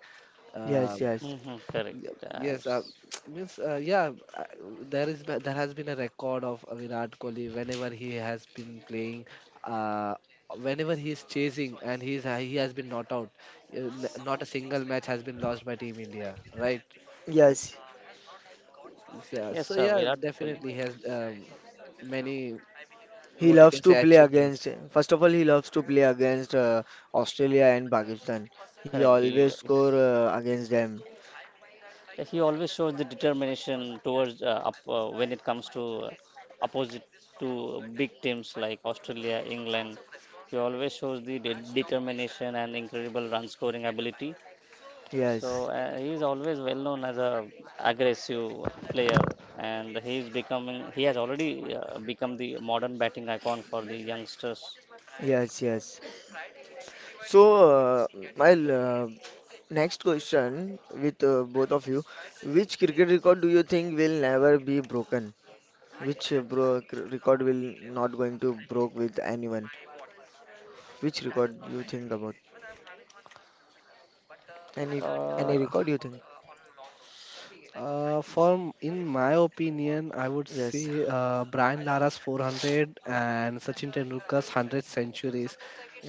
A: yes,
C: Uh,
A: yes,
B: Mhm, correct.
C: y- yes, means yeah, uh, there is there has been a record of Virat Kohli whenever he has been playing. Uh, Whenever he is chasing and he has been not out, not a single match has been lost by Team India, right?
A: yes.
C: Yeah,
B: Yes,
C: so
B: sir,
C: yeah,
B: Virat Kohli.
C: definitely has many
A: He
C: what you
A: loves
C: can
A: to
C: say
A: play
C: achievements.
A: against, first of all, he loves to play against Australia and Pakistan. He
B: Correct.
A: always score against them.
B: Yeah, he always shows the determination towards when it comes to opposite to big teams like Australia, England. He always shows the determination and incredible run scoring ability.
A: Yes,
B: So he is always well known as a aggressive player, and he is becoming. He has already become the modern batting icon for the youngsters.
A: yes, yes. So, uh, my next question with both of you, which cricket record do you think will never be broken? Which record will not going to broke with anyone? Which record you think about? Any
B: Uh,
A: any record you think?
C: In my opinion, I would
A: Yes,
C: say Brian Lara's 400 and Sachin Tendulkar's 100 centuries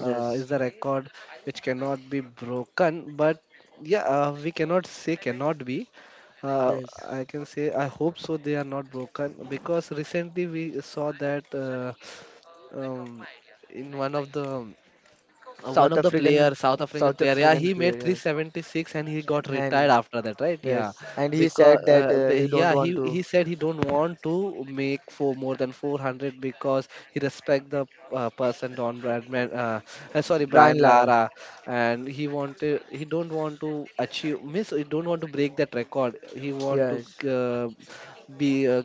C: is the record which cannot be broken. But yeah, we cannot say cannot be. Uh,
A: yes.
C: I can say I hope so they are not broken because recently we saw that um, in one
A: South
C: of the
A: African,
C: player, South African
A: South
C: player, yeah,
A: African
C: he made
A: players,
C: 376 and he got
A: and
C: retired after that, right?
A: yes,
C: Yeah,
A: and he
C: because
A: said that
C: uh,
A: he
C: be-
A: don't
C: yeah,
A: want to,
C: he said he don't want to make for more than 400 because he respect the person Don Bradman, sorry
A: Brian
C: Brian
A: Lara,
C: Lara, and he wanted he don't want to achieve miss he don't want to break that record. He want to
A: yes,
C: uh, be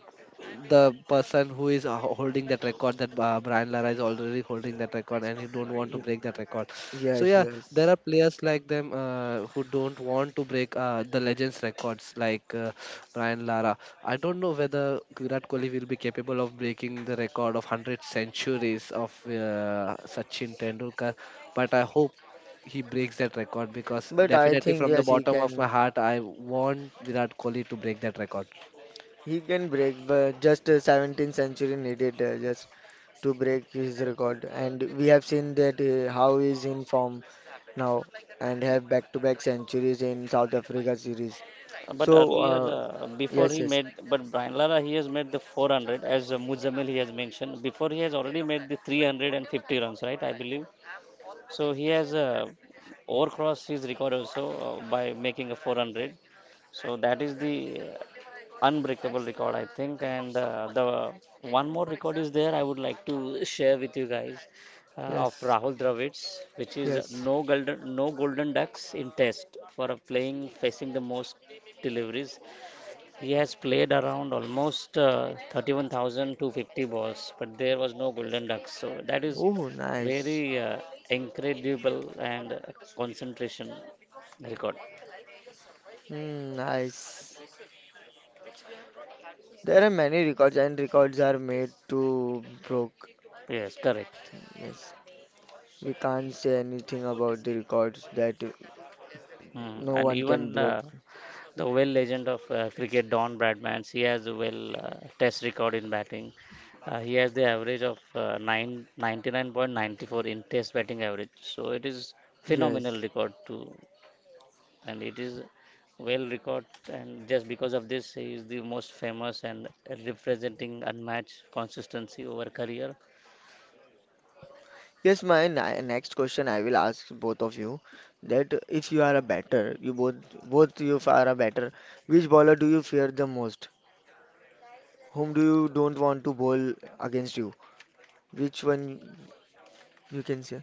C: the person who is holding that record that Brian Lara is already holding that record and he don't want to
A: y-
C: break that record. So
A: yes,
C: yeah,
A: yes,
C: there are players like them who don't want to break the legends records like Brian Lara. I don't know whether Virat Kohli will be capable of breaking the record of 100 centuries of Sachin Tendulkar, but I hope he breaks that record because
A: but I
C: definitely
A: think
C: from
A: yes
C: the
A: he
C: bottom of
A: can,
C: my heart I want Virat Kohli to break that record.
A: he can break, but just 17th century needed, just to break his record, and we have seen that how he's in form now and have back-to-back centuries in South Africa series,
B: But
A: so
B: earlier, before
A: yes,
B: he
A: yes,
B: made, but Brian Lara, he has made the 400 as Muzamil he has mentioned. Before he has already made the 350 runs, right? I believe. So he has overcrossed his record also by making a 400. So that is the unbreakable record, I think. And the one more record is there I would like to share with you guys of
A: yes,
B: Rahul Dravid, which is
A: yes,
B: no golden ducks in test for a playing facing the most deliveries. He has played around almost 31,250 balls, but there was no Golden Ducks. So that is
A: oh, nice.
B: very incredible and concentration record.
A: Hmm, nice. There are many records, and records are made to broke.
B: Yes, correct.
A: Yes, we can't say anything about the records that
B: Hmm.
A: no
B: And
A: one can
B: even
A: broke.
B: the well legend of cricket Don Bradman, he has a well test record in batting. He has the average of 99.94 in test batting average. So it is phenomenal
A: Yes.
B: record to, and it is well recorded, and just because of this he is the most famous and representing unmatched consistency over career.
A: Yes, my next question I will ask both of you that if you are a batter, you both you are a batter, which bowler do you fear the most? Whom do you don't want to bowl against you? Which one you can say?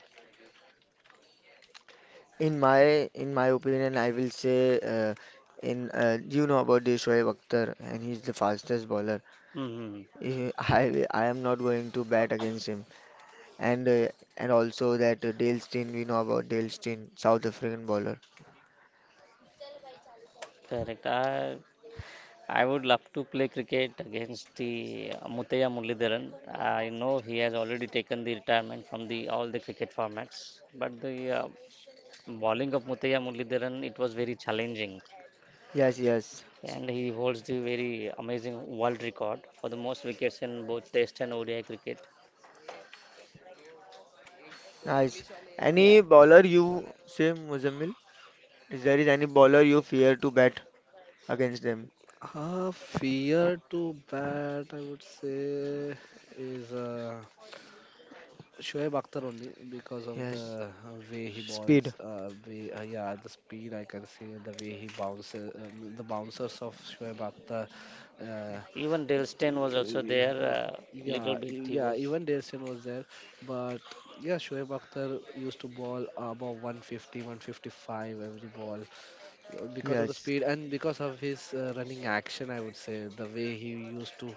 A: In my opinion, I will say, in you know about the Shoaib Akhtar, and he's the fastest bowler.
B: Hmm,
A: Eh, I am not going to bat against him. And uh, and also that Dale Steyn, we know about Dale Steyn, South African bowler.
B: correct. I would love to play cricket against the Mutaya Mullidharan. I know he has already taken the retirement from the all the cricket formats, but the bowling of Mutaya Mullidharan, it was very challenging,
A: Yes, yes,
B: and he holds the very amazing world record for the most wickets in both test and ODI cricket.
A: nice.
B: Yeah.
A: Any bowler you say, Muzammil? Is there is any bowler you fear to bat against them?
C: Fear to bat, I would say, is Shoaib Akhtar only because of the
A: Yes,
C: way he balls,
A: speed.
C: yeah, the speed I can see, the way he bounces, the bouncers of Shoaib Akhtar. Uh,
B: Even Delstein was also
C: yeah,
B: there. Little
C: yeah,
B: bit he
C: yeah,
B: was,
C: even Dersen was there, but yeah, Shoaib Akhtar used to ball above 150, 155 every ball because of the
A: Yes,
C: speed and because of his running action. I would say the way he used to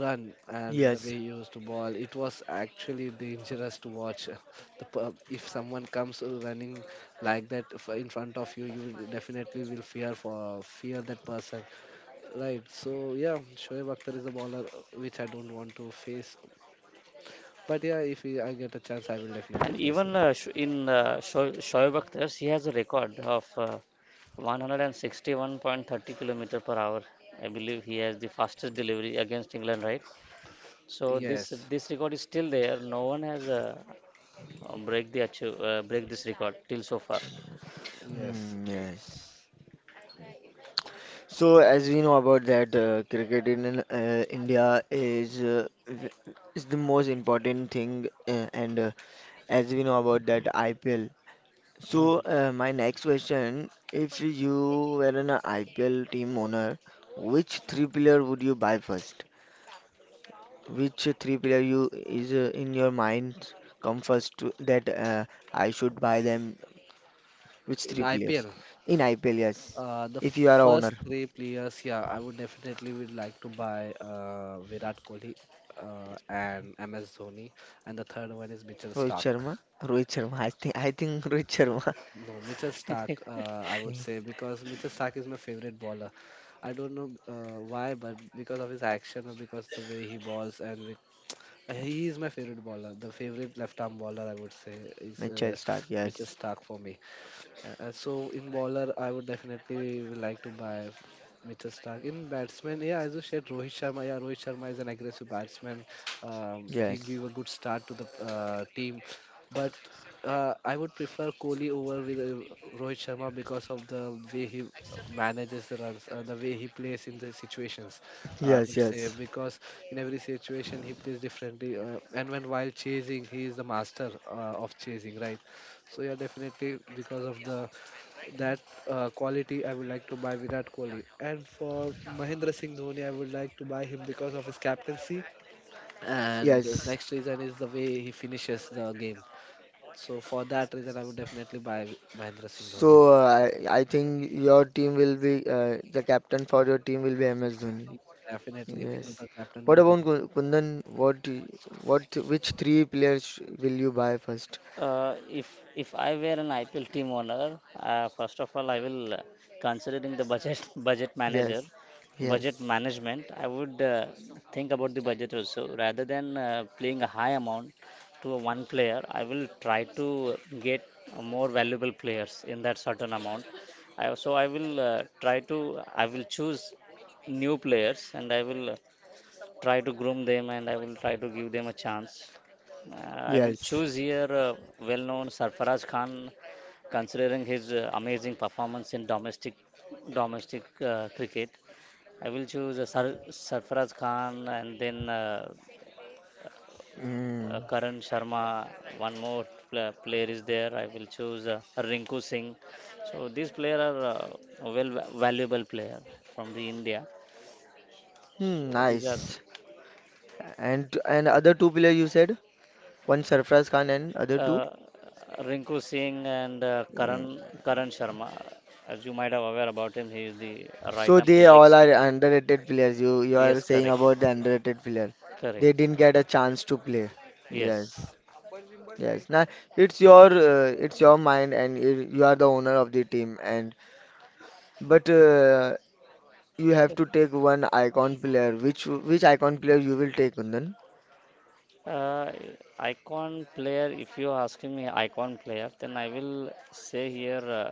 C: run and the way
A: yes,
C: he used to ball, it was actually dangerous to watch. If someone comes running like that in front of you, you will definitely will fear for fear that person, right? So yeah, Shoaib Akhtar is a bowler which I don't want to face, but yeah, if he- I get a chance, I will
B: and
C: definitely face
B: even
C: him.
B: Shoaib Akhtar, he has a record of 161.30 kilometer per hour. I believe he has the fastest delivery against England, right? So this
C: Yes,
B: this record is still there. No one has break this record till so far.
C: yes,
A: mm, yes. So, as we know about that, cricket in India is is the most important thing, and as we know about that IPL.
B: Hmm.
A: So, my next question: if you were an IPL team owner, which three player would you buy first? Which three player you is in your mind come first to, that I should buy them? Which
C: in
A: three players
C: IPL,
A: in IPL? Yes,
C: Uh, the
A: if you are
C: f-
A: a owner.
C: first three players, yeah, I would definitely would like to buy Virat Kohli and MS Dhoni, and the third one is Mitchell
A: Rohit
C: Stark.
A: Sharma? Rohit Sharma. I think Rohit Sharma.
C: No, Mitchell Stark, I would say
A: Yes.
C: because Mitchell Stark is my favorite bowler. I don't know why, but because of his action or because the way he balls, and with, he is my favorite bowler. The favorite left-arm bowler, I would say, is
A: Mitchell Stark.
C: Mitchell
A: Yes.
C: Stark for me. So in bowler, I would definitely would like to buy Mitchell Stark. In batsman, yeah, as you said, Rohit Sharma. Yeah, Rohit Sharma is an aggressive batsman. He
A: Yes.
C: give a good start to the team, but I would prefer Kohli over with Rohit Sharma because of the way he manages the runs, the way he plays in the situations. I
A: Yes.
C: would say
A: Yes.
C: because in every situation he plays differently, and when while chasing, he is the master of chasing, right? So yeah, definitely because of the that quality, I would like to buy Virat Kohli. And for Mahendra Singh Dhoni, I would like to buy him because of his captaincy. And the
A: Yes.
C: next reason is the way he finishes the game. So for that reason, I would definitely buy Mahendra Singh Dhoni.
A: So I think your team will be the captain for your team will be MS Dhoni.
C: He Definitely,
A: Yes.
C: the captain will
A: What
C: be.
A: about Kundan? What do- what which three players will you buy first?
B: If I were an IPL team owner, first of all, I will considering the budget
A: Yes.
B: budget
A: Yes.
B: management. I would think about the budget also rather than playing a high amount to a one player. I will try to get more valuable players in that certain amount. So I will try to I will choose new players, and I will try to groom them, and I will try to give them a chance. I will
A: Yes.
B: choose here well known Sarfaraz Khan, considering his amazing performance in domestic cricket. I will choose Sarfaraz Khan, and then
A: Mm.
B: Karan Sharma. One more player is there. I will choose Rinku Singh. So these players are well valuable player from the India.
A: Hmm,
B: So these are the
A: nice. And other two player you said? One Sarfraz Khan and other two?
B: uh, Rinku Singh and
A: Hmm.
B: Karan Sharma. As you might have aware about him, he is the right
A: So
B: arm
A: they
B: leg
A: all are
B: spinner.
A: underrated players. You are
B: Yes,
A: saying about the underrated player. They
B: correct.
A: didn't get a chance to play.
B: Yes.
A: Yes, yes. Now it's your mind, and you are the owner of the team. And but you have to take one icon player. Which icon player you will take, Kundan?
B: Uh, Icon player. If you're asking me icon player, then I will say here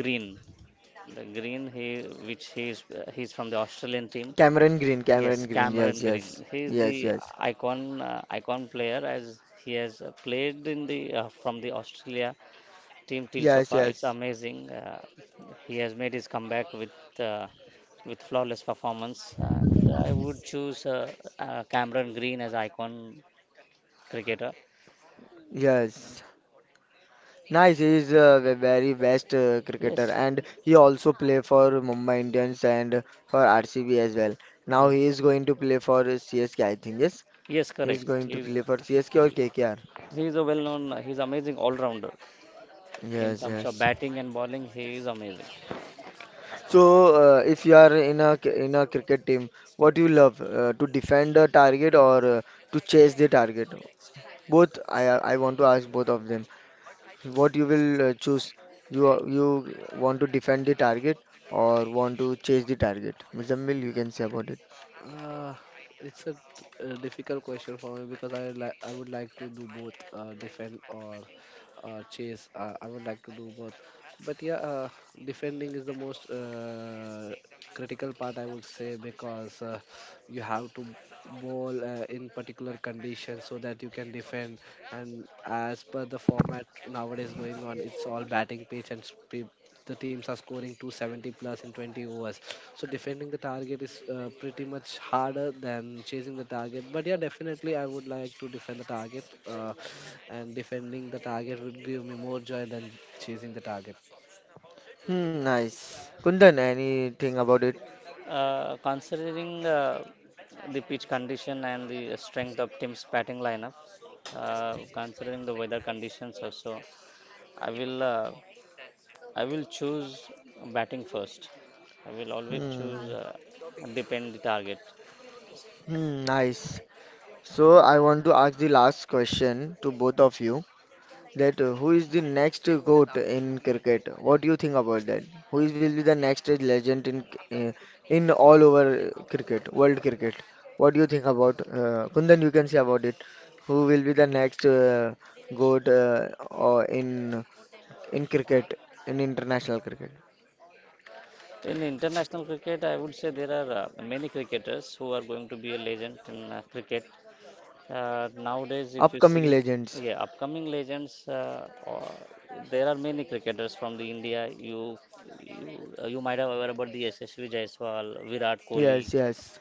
B: Green. The Green, he which he is he's from the Australian team.
A: Cameron Green. Cameron
B: Yes,
A: Green.
B: Cameron
A: Yes, yes,
B: Green. He is
A: yes,
B: the
A: yes,
B: icon player as he has played in the from the Australia Team
A: yes,
B: Tilsofa, it's
A: yes,
B: amazing. He has made his comeback uh, with flawless performance, and I would choose Cameron Green as icon cricketer.
A: yes. Nice, he's the very best cricketer
B: Yes,
A: and he also play for Mumbai Indians and for RCB as well. Now he
B: yes,
A: is going to play for CSK, I think, yes.
B: yes,
A: He is
B: correct.
A: going to play for CSK or KKR.
B: He's a well-known. He's amazing all-rounder in
A: Yes,
B: terms of
A: yes.
B: batting and bowling. He is amazing.
A: So, if you are in a in a cricket team, what do you love to defend the target or to chase the target? Both, I want to ask both of them. What you will choose? You want to defend the target or want to chase the target? Muzammil, you can say about it.
C: Uh, it's a difficult question for me because I would like to do both, defend or chase. I would like to do both, but yeah, defending is the most critical part, I would say, because you have to bowl in particular conditions so that you can defend. And as per the format nowadays going on, it's all batting pitch, and sp the teams are scoring 270 plus in 20 overs, so defending the target is pretty much harder than chasing the target. But yeah, definitely I would like to defend the target, and defending the target would give me more joy than chasing the target.
A: Hmm, nice. Kundan, anything about it?
B: Considering the pitch condition and the strength of team's batting lineup, considering the weather conditions also. I will uh, I will choose batting first. I will always
A: Hmm,
B: choose depend the target.
A: hmm, nice. So I want to ask the last question to both of you. That who is the next GOAT in cricket? What do you think about that? Who is will be the next legend in uh, all over cricket, world cricket? What do you think about Kundan? You can say about it. Who will be the next GOAT or in cricket, in international cricket?
B: In international cricket, I would say there are many cricketers who are going to be a legend in cricket. Nowadays, if you
A: Upcoming
B: see,
A: legends.
B: yeah, upcoming legends, there are many cricketers from the India. You, you might have heard about the SSV Jaiswal, Virat Kohli.
A: Yes, yes.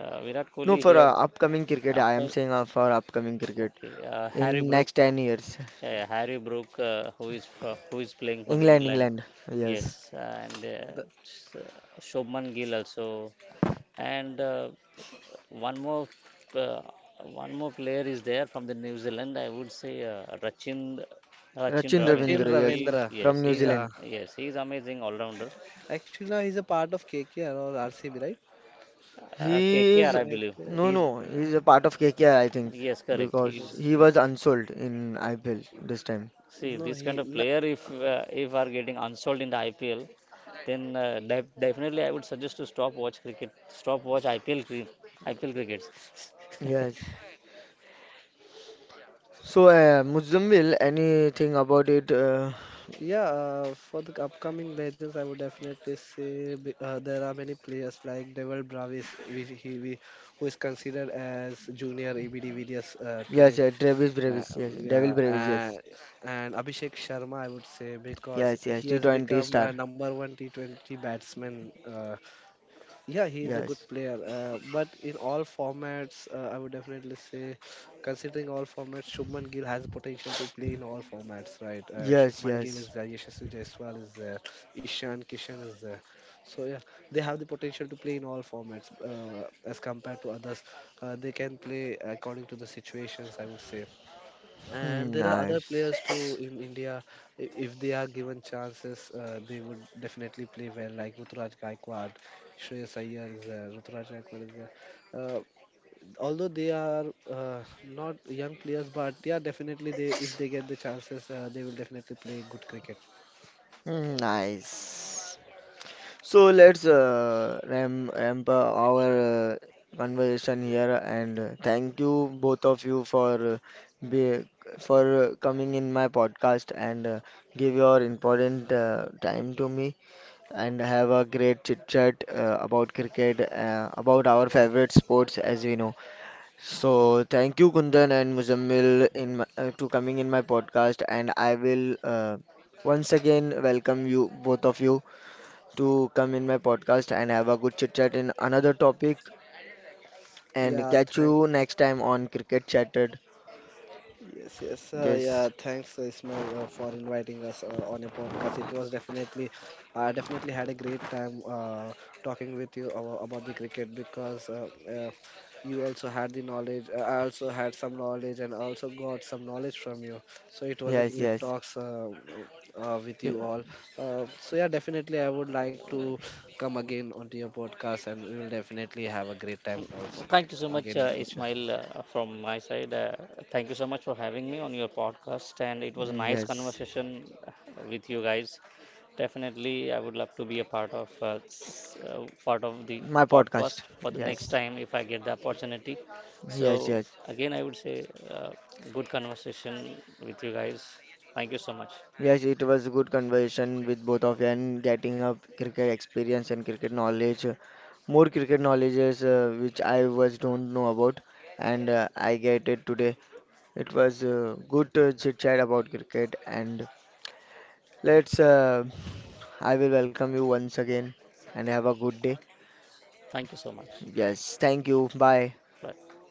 B: Virat
A: No,
B: Kohli,
A: for upcoming cricket, I am
B: upcom-
A: saying for upcoming cricket
B: okay, Harry
A: in
B: Brook.
A: next 10 years.
B: Yeah, Harry Brook, who is playing for the
A: England,
B: England,
A: England.
B: yes,
A: Yes.
B: and
C: the,
B: s- uh, Shubman Gill also, and one more uh, one more player is there from the New Zealand. I would say Rachin
A: Rachin
C: Sachin
B: Ravindra.
A: Ravindra, yes,
C: Ravindra,
A: from New
B: He's a,
C: yeah,
A: Zealand.
B: yes, he's amazing all rounder.
C: actually now he's a part of KKR or RCB, right?
A: He
C: In
A: is
B: KKR, believe.
C: IPL,
A: no,
B: He's
A: no, he is
C: uh,
A: a part of KKR, I think,
B: Yes, correct.
A: because
C: yes.
A: he
B: He's
A: was unsold in IPL this time.
B: See,
C: no
B: this
C: he
B: kind of
C: no,
B: player, if are getting unsold in the IPL, then definitely I would suggest to stop watch cricket, stop watch IPL cri- IPL cricket.
A: Yes. So, Muzzammil, anything about it?
C: Yeah, for the upcoming legends, I would definitely say there are many players like Devil Bravis, who is considered as junior ABD Villiers
A: Yes,
C: today.
A: yeah, Travis
C: Uh,
A: Bravis, yes, Devil
C: yeah,
A: Bravis, yes,
C: and, and Abhishek Sharma, I would say, because
A: yes, yes,
C: he has
A: T20
C: become a
A: star,
C: number one T20 batsman. Yeah, he is a good
A: yes,
C: player. But in all formats, I would definitely say, considering all formats, Shubman Gill has potential to play in all formats, right?
A: yes,
C: Shubman Gill
A: yes.
C: is there, Yashasvi Jaiswal is there, Ishan Kishan is there. So yeah, they have the potential to play in all formats as compared to others. They can play according to the situations, I would say, and
A: Hmm,
C: there are other
A: nice,
C: players too in India. If they are given chances, they would definitely play well. Like Ruturaj Gaikwad, Shreyas Iyer is there. Ruturaj Gaikwad is there. Uh, Although they are not young players, but yeah, definitely they if they get the chances, they will definitely play good cricket.
A: hmm, nice. So let's ramp up our conversation here and thank you both of you for be, for coming in my podcast and give your important time to me and have a great chit chat about cricket about our favorite sports as we know. So thank you Kundan and Muzammil in my, to coming in my podcast and I will once again welcome you both of you to come in my podcast and have a good chit chat in another topic. And
C: Yeah,
A: catch
C: thank.
A: you next time on Cricket Chatted.
C: Yes, yes.
A: Yes,
C: Yeah, thanks, Ismail, for inviting us on your podcast. It was definitely, I definitely had a great time talking with you about the cricket because you also had the knowledge. I also had some knowledge and also got some knowledge from you. So it was a
A: yes,
C: great
A: yes,
C: talks with
A: y-
C: you all. So yeah, definitely, I would like to come again onto your podcast, and we will definitely have a great time also
B: Thank you so much,
C: again in future.
B: Ismail, from my side. Thank you so much for having me on your podcast, and it was a nice
A: yes.
B: conversation with you guys. Definitely, I would love to be a part of part of the
A: My
B: podcast
A: podcast.
B: for the next
A: Yes,
B: time if I get the opportunity.
A: yes,
B: So
A: yes.
B: again, I would say good conversation with you guys. Thank you so much.
A: Yes, it was a good conversation with both of you and getting up cricket experience and cricket knowledge, more cricket knowledges which I was don't know about, and I get it today. It was good chit chat about cricket and let's, I will welcome you once again and have a good day.
B: Thank you so much.
A: Yes, thank you. Bye.
B: Bye.